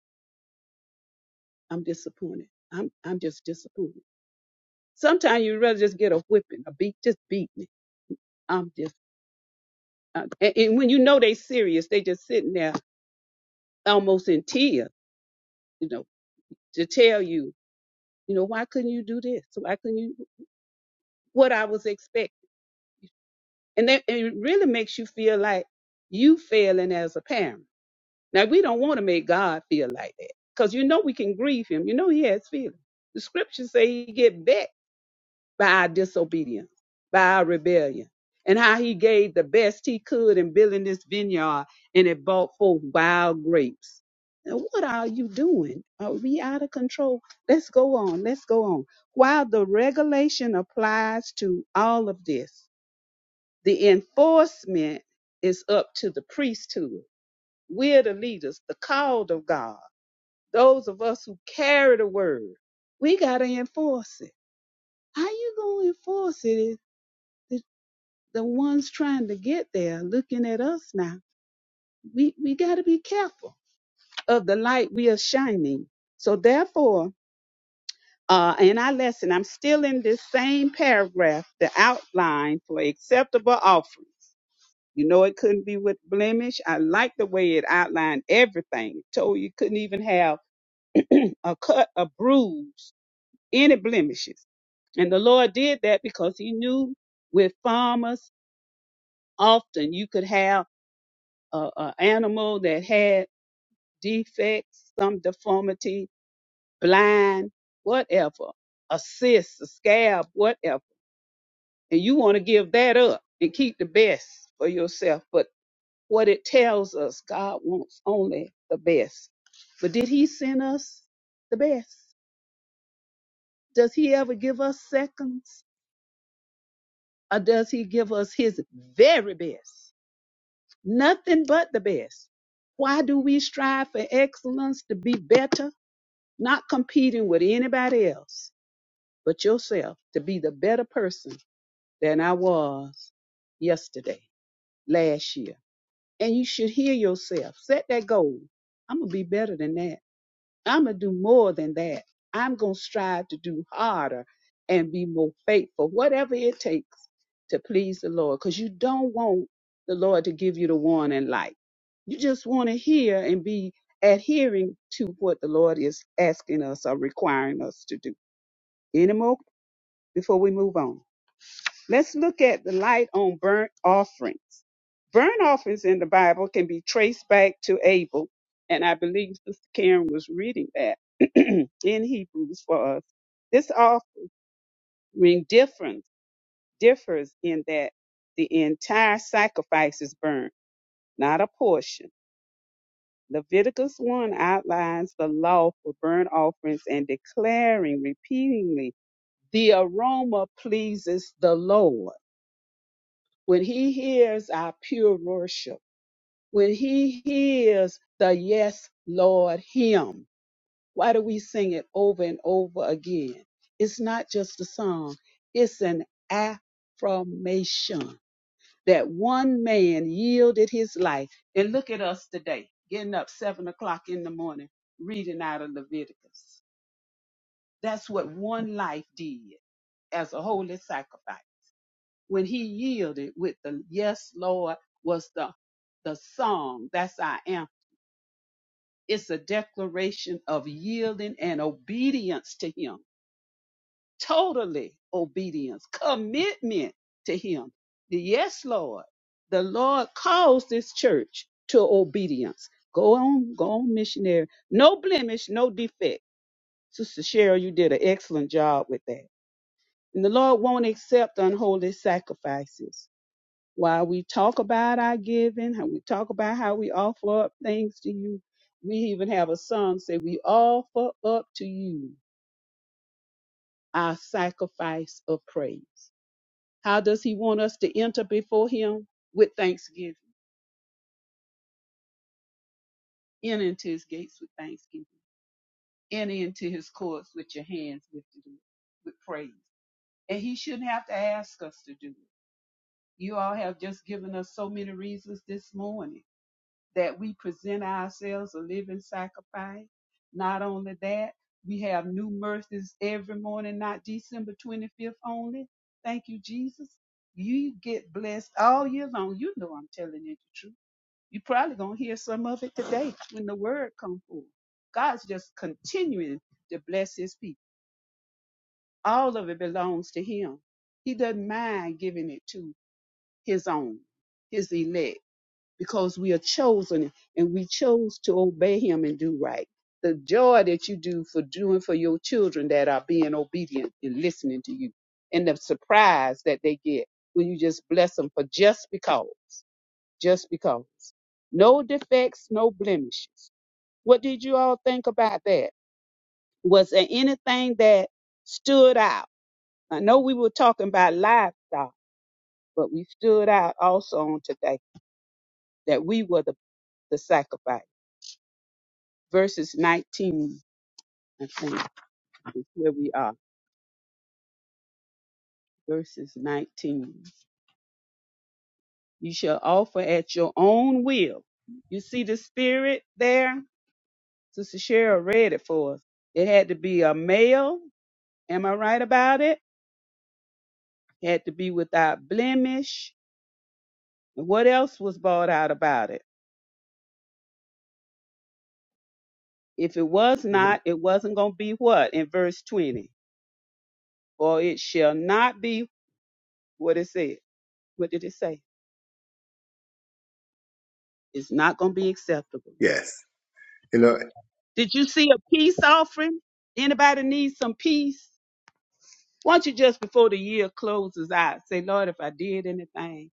Speaker 2: I'm disappointed. I'm I'm just disappointed. Sometimes you'd rather just get a whipping, a beat, just beat me. I'm just, uh, and, and when you know they serious, they just sitting there almost in tears. you know. to tell you, you know, why couldn't you do this? Why couldn't you what I was expecting? And that and it really makes you feel like you failing as a parent. Now we don't want to make God feel like that. Because you know we can grieve him. You know he has feelings. The scriptures say he get vexed by our disobedience, by our rebellion, and how he gave the best he could in building this vineyard and it brought forth wild grapes. Now, what are you doing? Are we out of control? Let's go on. Let's go on. While the regulation applies to all of this, the enforcement is up to the priesthood. We're the leaders, the called of God, those of us who carry the word. We got to enforce it. How you going to enforce it if the ones trying to get there looking at us now. We we got to be careful of the light we are shining. So therefore, uh, in our lesson, I'm still in this same paragraph, the outline for acceptable offerings. You know, it couldn't be with blemish. I like the way it outlined everything. It told you couldn't even have a cut, a bruise, any blemishes. And the Lord did that because He knew with farmers often you could have a, a animal that had defects, some deformity, blind, whatever, a cyst, a scab, whatever. And you want to give that up and keep the best for yourself. But what it tells us, God wants only the best. But did He send us the best? Does He ever give us seconds? Or does He give us His very best? Nothing but the best. Why do we strive for excellence to be better? Not competing with anybody else but yourself to be the better person than I was yesterday, last year. And you should hear yourself. Set that goal. I'm going to be better than that. I'm going to do more than that. I'm going to strive to do harder and be more faithful, whatever it takes to please the Lord. Because you don't want the Lord to give you the warning light. You just want to hear and be adhering to what the Lord is asking us or requiring us to do. Any more before we move on? Let's look at the light on burnt offerings. Burnt offerings in the Bible can be traced back to Abel, and I believe Sister Karen was reading that [CLEARS THROAT] in Hebrews for us. This offering difference differs in that the entire sacrifice is burned, not a portion. Leviticus 1 outlines the law for burnt offerings and declaring repeatedly, the aroma pleases the Lord. when he hears our pure worship, when he hears the yes, Lord, hymn, why do we sing it over and over again? It's not just a song, it's an affirmation that one man yielded his life. And look at us today, getting up seven o'clock in the morning, reading out of Leviticus. That's what one life did as a holy sacrifice. when he yielded with the yes, Lord, was the the song. That's I am. It's a declaration of yielding and obedience to him. Totally obedience, commitment to him. The yes, Lord. The Lord calls this church to obedience. Go on, go on, missionary. No blemish, no defect. Sister Cheryl, you did an excellent job with that. And the Lord won't accept unholy sacrifices. While we talk about our giving, how we talk about how we offer up things to you, we even have a song say, We offer up to you our sacrifice of praise. How does he want us to enter before him? With thanksgiving. In into his gates with thanksgiving. In into his courts with your hands lifted up, with praise. And he shouldn't have to ask us to do it. You all have just given us so many reasons this morning that we present ourselves a living sacrifice. Not only that, we have new mercies every morning, not December 25th only. Thank you, Jesus. You get blessed all year long. You know I'm telling you the truth. you are probably going to hear some of it today when the word comes forth. God's just continuing to bless his people. All of it belongs to him. He doesn't mind giving it to his own, his elect because we are chosen and we chose to obey him and do right. The joy that you do for doing for your children that are being obedient and listening to you, and the surprise that they get when you just bless them for just because, just because. No defects, no blemishes. What did you all think about that? Was there anything that stood out? I know we were talking about livestock, but we stood out also on today that we were the, the sacrifice. verses 19, I think, is where we are. Verses 19. You shall offer at your own will. You see the spirit there? Sister Cheryl read it for us. It had to be a male. Am I right about it? It Had to be without blemish. And what else was brought out about it? If it was not, it wasn't going to be what? In verse 20. For it shall not be what it said. What did it say? It's not going to be acceptable.
Speaker 7: Yes. You know,
Speaker 2: Did you see a peace offering? Anybody need some peace? Won't you just before the year closes out say, Lord, if I did anything,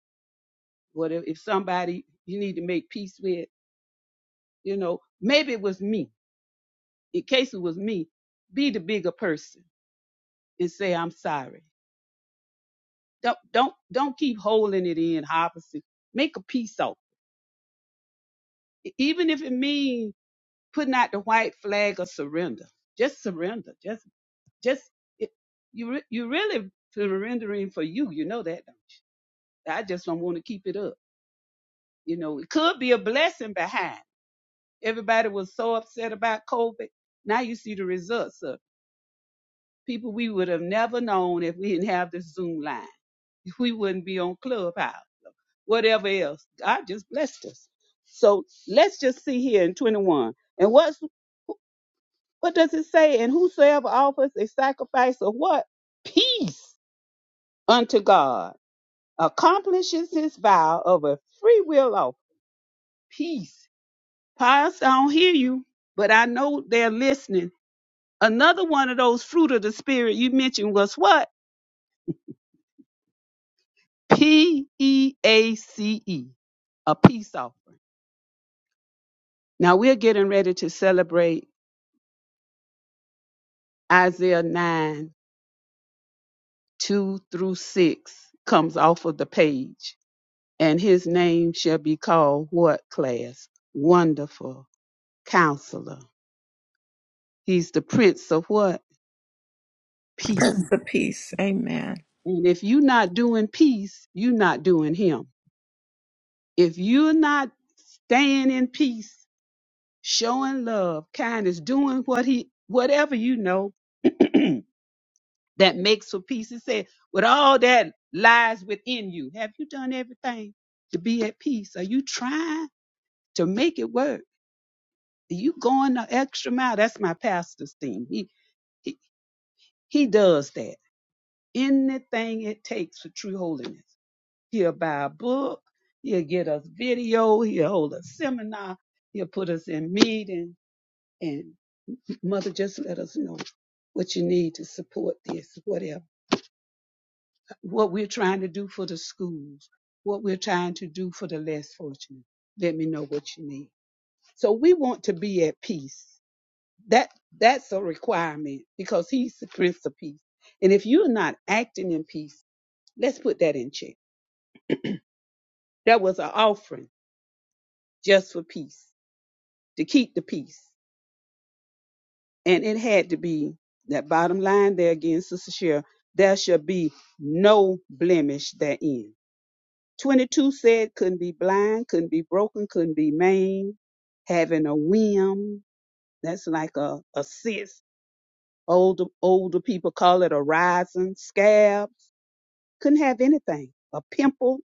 Speaker 2: what if, if somebody you need to make peace with, you know, maybe it was me. In case it was me, be the bigger person and say, I'm sorry. Don't don't don't keep holding it in, harvesting. Make a peace offering. Even if it means putting out the white flag of surrender. Just surrender. just. Just it, you re- you really surrendering for you. You know that, don't you? I just don't want to keep it up. You know, it could be a blessing behind. Everybody was so upset about COVID. Now you see the results of people we would have never known if we didn't have the Zoom line. We wouldn't be on Clubhouse. Whatever else, God just blessed us. So let's just see here in 21. And what's what does it say? And whosoever offers a sacrifice of what? Peace unto God accomplishes his vow of a free will of peace. Pious, I don't hear you, but I know they're listening. Another one of those fruit of the spirit you mentioned was what? P E A C E, a peace offering. Now we're getting ready to celebrate Isaiah 9 2 through 6 comes off of the page. And his name shall be called what class? Wonderful counselor. He's the prince of what? Peace.
Speaker 4: peace. Amen.
Speaker 2: And if you're not doing peace, you're not doing him. If you're not staying in peace, showing love, kindness, doing what he whatever you know that makes for peace. It said, with all that lies within you, have you done everything to be at peace? Are you trying to make it work? Are you going the extra mile? That's my pastor's thing. He he, he does that. Anything it takes for true holiness. He'll buy a book. He'll get us video. He'll hold a seminar. He'll put us in meeting. And mother, just let us know what you need to support this, whatever, what we're trying to do for the schools, what we're trying to do for the less fortunate. Let me know what you need. So we want to be at peace. That that's a requirement because he's the Prince of Peace. And if you're not acting in peace, let's put that in check. That was an offering just for peace. to keep the peace. And it had to be that bottom line there again, Sister Cheryl, there shall be no blemish therein. 22 said couldn't be blind, couldn't be broken, couldn't be maimed, having a whim. That's like a, a cyst. Older, older people call it a rising scab. Couldn't have anything. A pimple.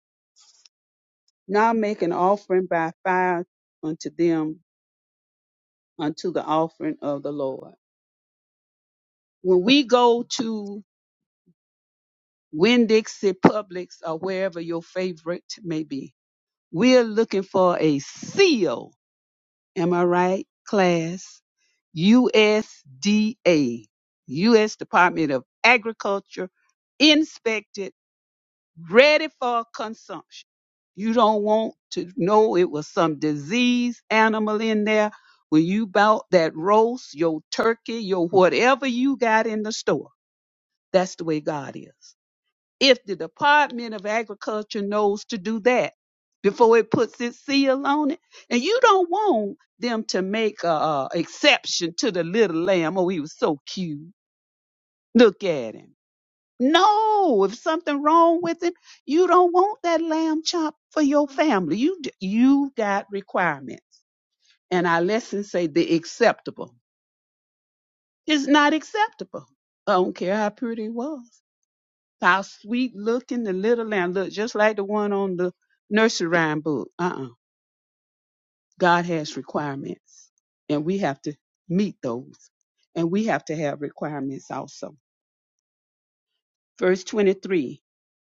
Speaker 2: Now make an offering by fire unto them, unto the offering of the Lord. When we go to Winn-Dixie, Publix, or wherever your favorite may be. We're looking for a seal. Am I right, class? USDA, U.S. Department of Agriculture, inspected, ready for consumption. You don't want to know it was some disease animal in there when you bought that roast, your turkey, your whatever you got in the store. That's the way God is if the Department of Agriculture knows to do that before it puts its seal on it. And you don't want them to make a, a exception to the little lamb. Oh, he was so cute. Look at him. No, if something wrong with him, you don't want that lamb chop for your family. You d- you got requirements. And our lessons say the acceptable. It's not acceptable. I don't care how pretty it was. How sweet looking the little lamb look, just like the one on the nursery rhyme book. Uh-uh. God has requirements, and we have to meet those, and we have to have requirements also. Verse 23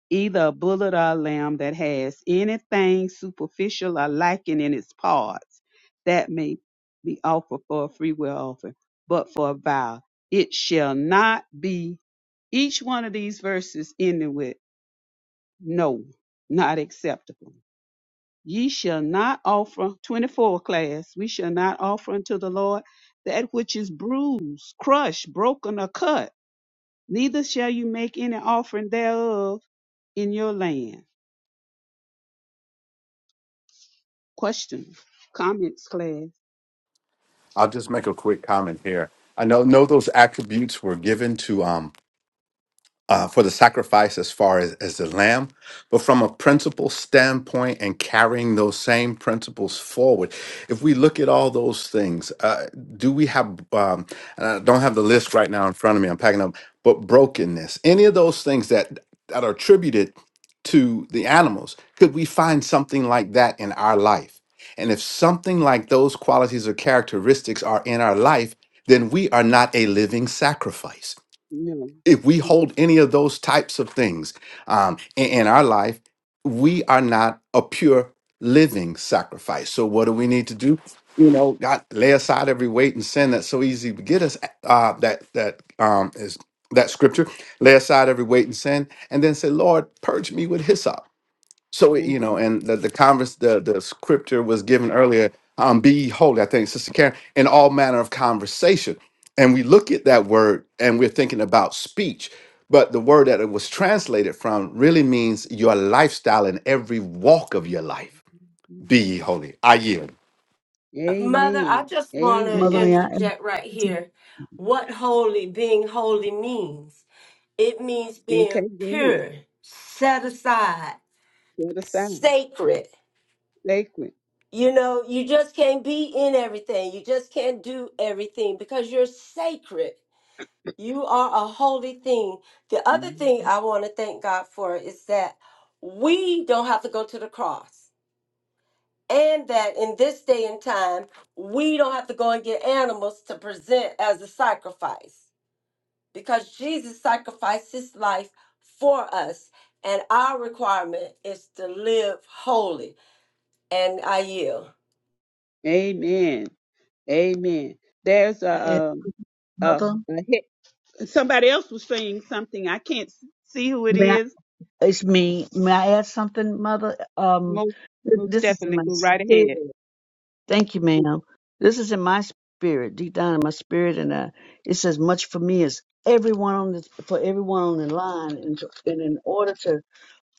Speaker 2: either a bullet or a lamb that has anything superficial or lacking in its parts that may be offered for a freewill offering, but for a vow, it shall not be. Each one of these verses ending with no, not acceptable. ye shall not offer 24 class we shall not offer unto the lord that which is bruised crushed broken or cut neither shall you make any offering thereof in your land question comments class
Speaker 6: I'll just make a quick comment here. I know, know those attributes were given to um, uh, for the sacrifice as far as, as the lamb, but from a principle standpoint and carrying those same principles forward. If we look at all those things, uh, do we have, um, and I don't have the list right now in front of me, I'm packing up, but brokenness, any of those things that, that are attributed to the animals, could we find something like that in our life? And if something like those qualities or characteristics are in our life, then we are not a living sacrifice
Speaker 2: no
Speaker 6: if we hold any of those types of things um, in, in our life, we are not a pure living sacrifice. So, what do we need to do? You know, God, lay aside every weight and sin that's so easy to get us. Uh, that that um, is that scripture. Lay aside every weight and sin, and then say, Lord, purge me with hyssop so it- you know
Speaker 2: Mm-hmm.
Speaker 6: and the, the converse the, the scripture was given earlier um be holy i think sister karen in all manner of conversation and we look at that word and we're thinking about speech but the word that it was translated from really means your lifestyle in every walk of your life be ye holy i yield
Speaker 5: Mother, I
Speaker 2: Amen.
Speaker 5: just want to
Speaker 3: Mother,
Speaker 2: Amen.
Speaker 3: may I add, may
Speaker 5: interject right here what holy, being holy means. It means being
Speaker 2: Okay, go ahead.
Speaker 5: pure, set aside,
Speaker 2: Set aside.
Speaker 5: sacred.
Speaker 2: Sacred.
Speaker 5: You know, you just can't be in everything. You just can't do everything because you're sacred. You are a holy thing. The other
Speaker 2: Mhm.
Speaker 5: thing I want to thank God for is that we don't have to go to the cross. And that in this day and time, we don't have to go and get animals to present as a sacrifice because Jesus sacrificed his life for us. And our requirement is to live holy. And I yield.
Speaker 2: Amen. Amen. There's
Speaker 3: I add-
Speaker 2: a, um, a,
Speaker 3: mother?
Speaker 2: a he- somebody else was saying something. I can't s- see who it
Speaker 3: May I,
Speaker 2: is.
Speaker 3: it's me. May I add something, mother? Um,
Speaker 2: Most,
Speaker 3: th-
Speaker 2: most
Speaker 3: this is in
Speaker 2: definitely
Speaker 3: my
Speaker 2: go right
Speaker 3: spirit.
Speaker 2: ahead.
Speaker 3: Thank you,
Speaker 2: Go
Speaker 3: ma'am. This is in my spirit, deep down in my spirit, and uh, it says much for me as everyone on this for everyone on the line, and, to, and in order to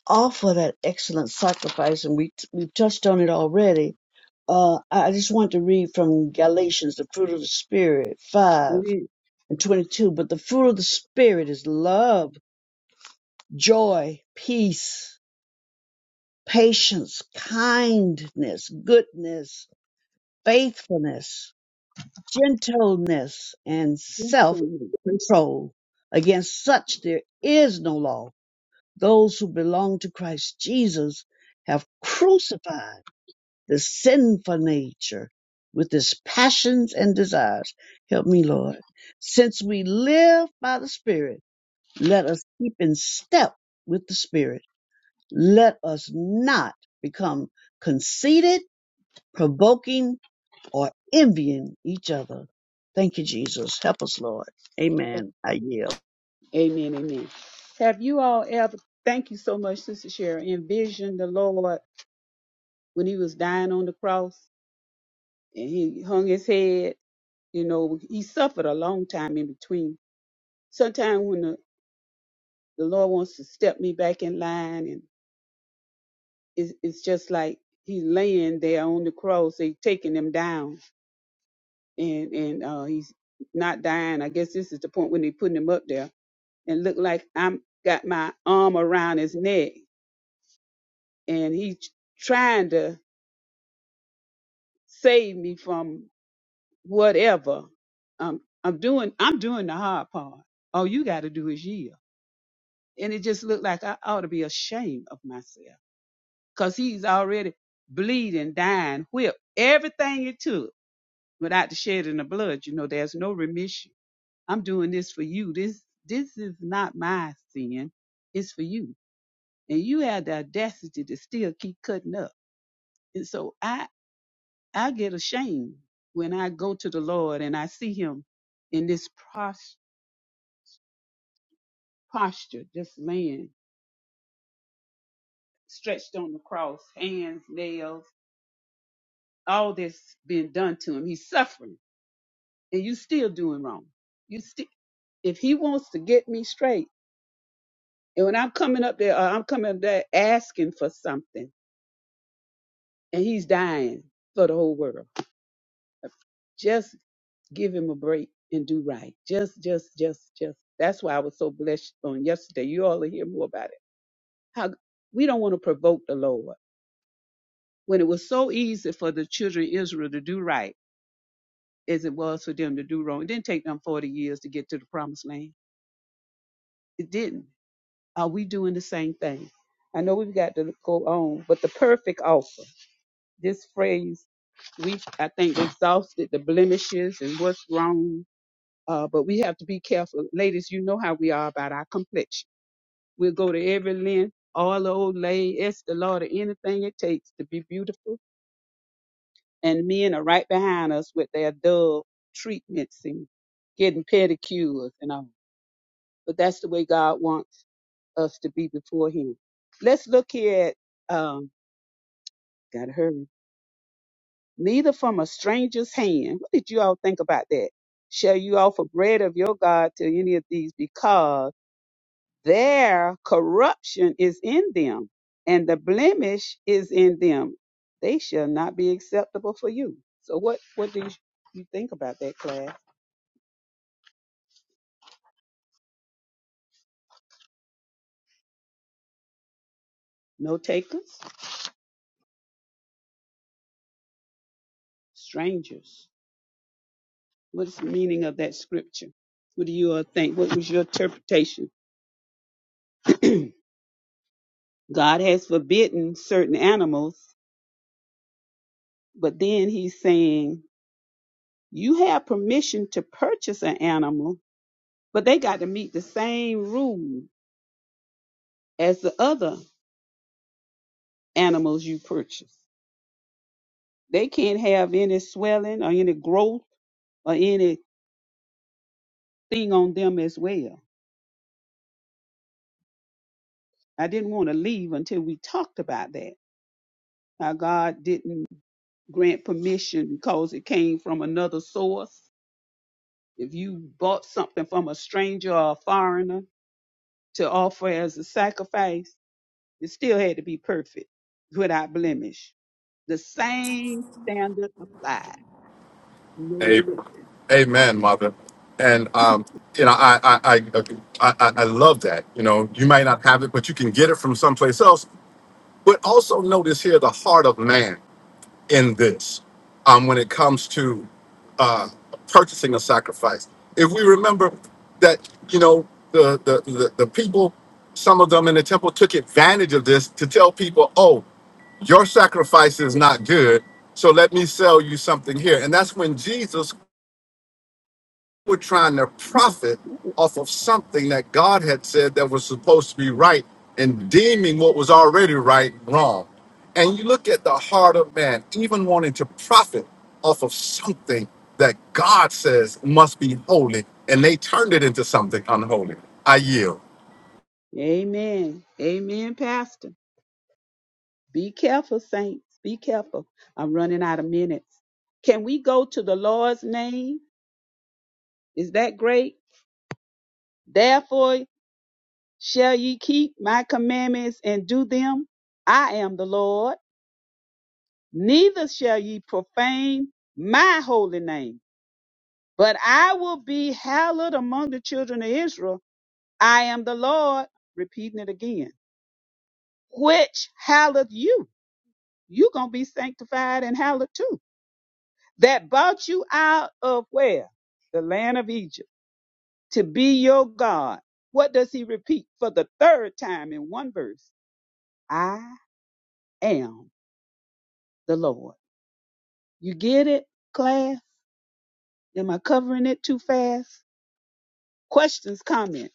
Speaker 3: offer that excellent sacrifice, and we we've touched on it already. Uh, I I just want to read from Galatians, the fruit of the spirit,
Speaker 2: go
Speaker 3: five.
Speaker 2: ahead.
Speaker 3: and 22. But the fruit of the Spirit is love, joy, peace, patience, kindness, goodness, faithfulness, gentleness, and self
Speaker 2: Amen.
Speaker 3: control. Against such there is no law. Those who belong to Christ Jesus have crucified the sinful nature with its passions and desires. Help me, Lord. Since we live by the Spirit, Let us keep in step with the Spirit. Let us not become conceited, provoking, or envying each other. Thank you, Jesus. Help us, Lord. Amen. I yield.
Speaker 2: Amen. Amen. Have you all ever, thank you so much, Sister Sharon, envisioned the Lord when he was dying on the cross and he hung his head? You know, he suffered a long time in between. Sometimes when the, the Lord wants to step me back in line and it's, it's just like he's laying there on the cross, they taking him down and, and uh, he's not dying. I guess this is the point when they putting him up there and look like I'm got my arm around his neck and he's trying to save me from whatever. Um, I'm doing I'm doing the hard part. All you got to do is yield. And it just looked like I ought to be ashamed of myself because he's already bleeding, dying, whipped, everything it took without the shedding of blood. You know, there's no remission. I'm doing this for you. This this is not my sin. It's for you. And you had the audacity to still keep cutting up. And so I I get ashamed when I go to the Lord and I see him in this pros- posture, this man stretched on the cross, hands, nails, all this being done to him. He's suffering and you still doing wrong. You still, if he wants to get me straight and when I'm coming up there, uh, I'm coming up there asking for something and he's dying for the whole world. Just give him a break and do right. Just, just, just, just. That's why I was so blessed on yesterday. You all will hear more about it How we don't want to provoke the Lord when it was so easy for the children of Israel to do right as it was for them to do wrong. It didn't take them 40 years to get to the promised land. It didn't. Are we doing the same thing? I know we've got to go on, but the perfect offer. This phrase we I think exhausted the blemishes and what's wrong. Uh, but we have to be careful, ladies. You know how we are about our complexion. We'll go to every length, all the old lay, ask the Lord of anything it takes to be beautiful and men are right behind us with their dove treatments and getting pedicures and all. But that's the way God wants us to be before Him. Let's look here at, um, gotta hurry. Neither from a stranger's hand. What did you all think about that? Shall you offer bread of your God to any of these because their corruption is in them and the blemish is in them. They shall not be acceptable for you. So what, what do you, you think about that, class? no takers, strangers. What is the meaning of that scripture? What do you all think? What was your interpretation? [CLEARS THROAT] God has forbidden certain animals, but then he's saying you have permission to purchase an animal, but they got to meet the same rule as the other animals you purchase. They can't have any swelling or any growth or anything on them as well. I didn't want to leave until we talked about that. How God didn't grant permission because it came from another source. If you bought something from a stranger or a foreigner to offer as a sacrifice, it still had to be perfect without blemish. The same standard applied. No
Speaker 6: A-
Speaker 2: exception.
Speaker 6: Amen, mother. And um, you know, I I, I I I I love that. You know, you might not have it, but you can get it from someplace else. But also notice here the heart of man. in goods um, when it comes to uh, purchasing a sacrifice. If we remember that, you know, the, the, the, the people, some of them in the temple took advantage of this to tell people, oh, your sacrifice is not good, so let me sell you something here. And that's when Jesus were trying to profit off of something that God had said that was supposed to be right and deeming what was already right wrong. And you look at the heart of man, even wanting to profit off of something that God says must be holy, and they turned it into something unholy. I yield.
Speaker 2: Amen. Amen, Pastor. Be careful, saints. Be careful. I'm running out of minutes. Can we go to the Lord's name? Is that great? Therefore, Shall ye keep my commandments and do them? I am the Lord. Neither shall ye profane my holy name, but I will be hallowed among the children of Israel. I am the Lord. Repeating it again. Which hallowed you? you going to be sanctified and hallowed too. That brought you out of where? The land of Egypt to be your God. What does he repeat for the third time in one verse? I am the Lord. You get it, class? Am I covering it too fast? Questions, comments.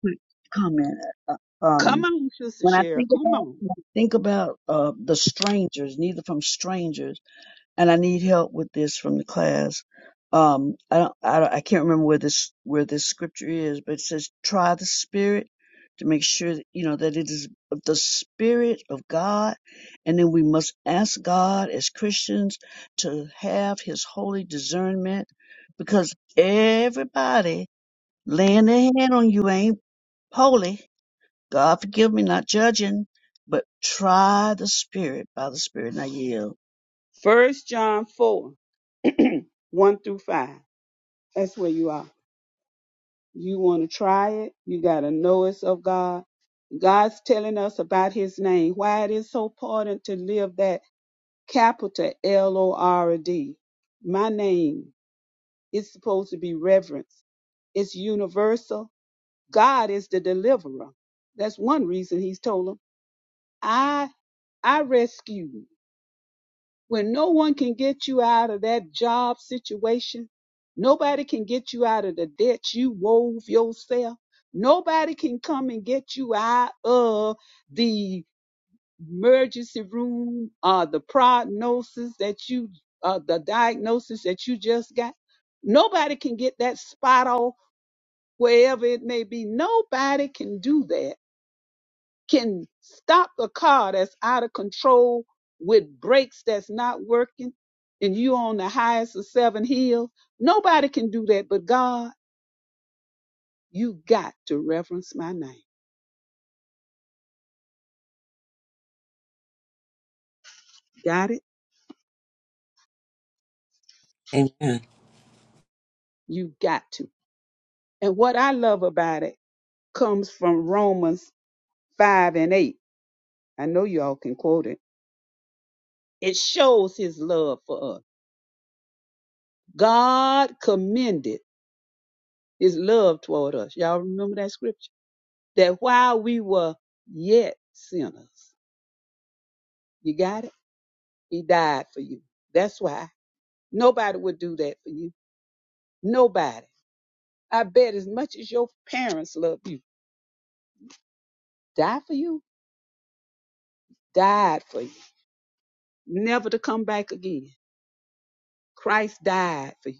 Speaker 3: Quick Comment. Uh,
Speaker 2: Come
Speaker 3: Um,
Speaker 2: on, Sister
Speaker 3: when I
Speaker 2: Cheryl.
Speaker 3: think
Speaker 2: Come
Speaker 3: about
Speaker 2: on.
Speaker 3: when I think about uh, the strangers, neither from strangers. and I need help with this from the class. Um, I don't, I don't, I can't remember where this where this scripture is, but it says, "Try the spirit to make sure that, you know that it is of the spirit of God," and then we must ask God as Christians to have His holy discernment, because everybody laying their hand on you ain't holy. God forgive me, not judging, but try the spirit by the spirit. and I yield.
Speaker 2: First John 4, 1 through 5. That's where you are. You want to try it. You got to know it's of God. God's telling us about his name, why it is so important to live that capital L O R D. My name is supposed to be reverenced. It's universal. God is the deliverer. That's one reason he's told 'em. I I rescue. you. When no one can get you out of that job situation, nobody can get you out of the debt you wove yourself. Nobody can come and get you out of the emergency room uh the prognosis that you uh the diagnosis that you just got. Nobody can get that spot off wherever it may be. Nobody can do that can stop a car that's out of control with brakes that's not working and you on the highest of seven hills. Nobody can do that but God. You got to reverence my name. Got it?
Speaker 1: Amen.
Speaker 2: You got to. And what I love about it comes from Romans 5 and 8. I know y'all can quote it. It shows his love for us. God commended his love toward us. Y'all remember that scripture? That while we were yet sinners, You got it? He died for you. That's why. Nobody would do that for you. Nobody. I bet as much as your parents love you, die for you, died for you, never to come back again. Christ died for you.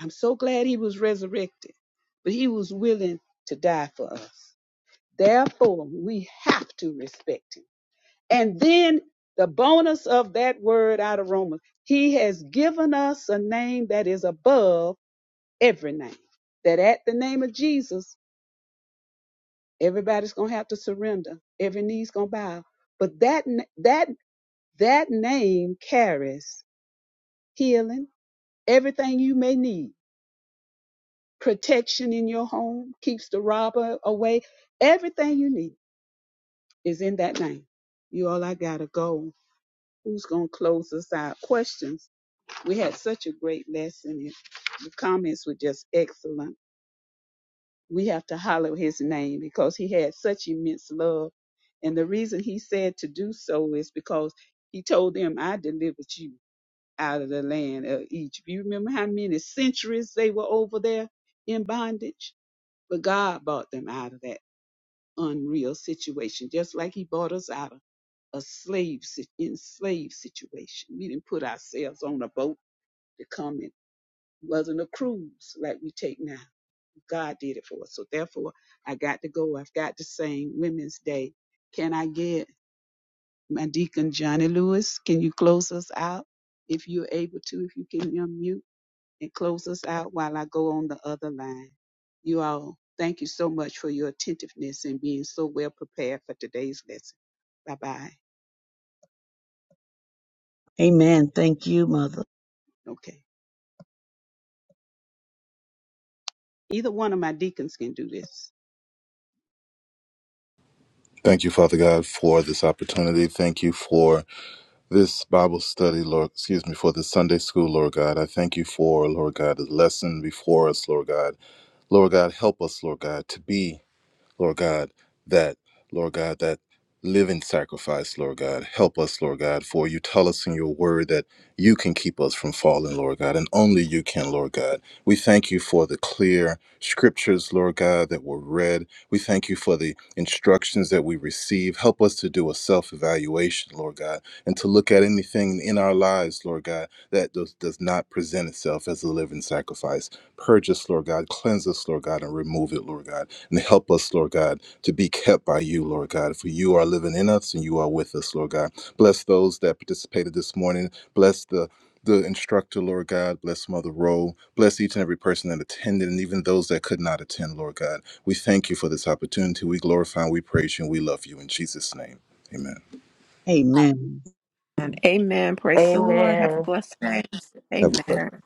Speaker 2: I'm so glad he was resurrected, but he was willing to die for us. Therefore, we have to respect him. And then the bonus of that word out of Romans, he has given us a name that is above every name. That at the name of Jesus, everybody's gonna have to surrender. Every knee's gonna bow. But that n- that that name carries healing, everything you may need, protection in your home, keeps the robber away. Everything you need is in that name. You all I gotta go. Who's gonna close us out? Questions. We had such a great lesson. The comments were just excellent. we have to hallow his name because he had such immense love. And the reason he said to do so is because he told them, I delivered you out of the land of Egypt. You remember how many centuries they were over there in bondage? But God brought them out of that unreal situation, just like he brought us out of a slave, si- enslaved situation. We didn't put ourselves on a boat to come in. It wasn't a cruise like we take now God did it for us. So therefore, I got to go. I've got to sing Women's Day. Can I get my deacon Johnny Lewis? Can you close us out if you're able to? If you can unmute and close us out while I go on the other line. You all, thank you so much for your attentiveness and being so well prepared for today's lesson. Bye bye.
Speaker 3: Amen. Thank you, Mother.
Speaker 2: Okay. Either one of my deacons can do this.
Speaker 8: Thank you, Father God, for this opportunity. Thank you for this Bible study, Lord, excuse me, for this Sunday school, Lord God. I thank you for, Lord God, the lesson before us, Lord God. Lord God, help us, Lord God, to be. Lord God, that, Lord God, that living sacrifice, Lord God. Help us, Lord God, for you tell us in your word that you can keep us from falling, Lord God, and only you can, Lord God. We thank you for the clear scriptures, Lord God, that were read. We thank you for the instructions that we receive. Help us to do a self evaluation, Lord God, and to look at anything in our lives, Lord God, that does, does not present itself as a living sacrifice. Purge us, Lord God. Cleanse us, Lord God, and remove it, Lord God. And help us, Lord God, to be kept by you, Lord God. For you are living in us and you are with us, Lord God. Bless those that participated this morning. Bless the the instructor, Lord God, bless Mother Rowe, bless each and every person that attended, and even those that could not attend, Lord God. We thank you for this opportunity. We glorify and we praise you and we love you. In Jesus' name, amen. Have
Speaker 3: Amen.
Speaker 4: And Amen. Praise the Lord. Have a
Speaker 5: Amen.
Speaker 4: blessed day.
Speaker 8: a blessed
Speaker 4: Amen.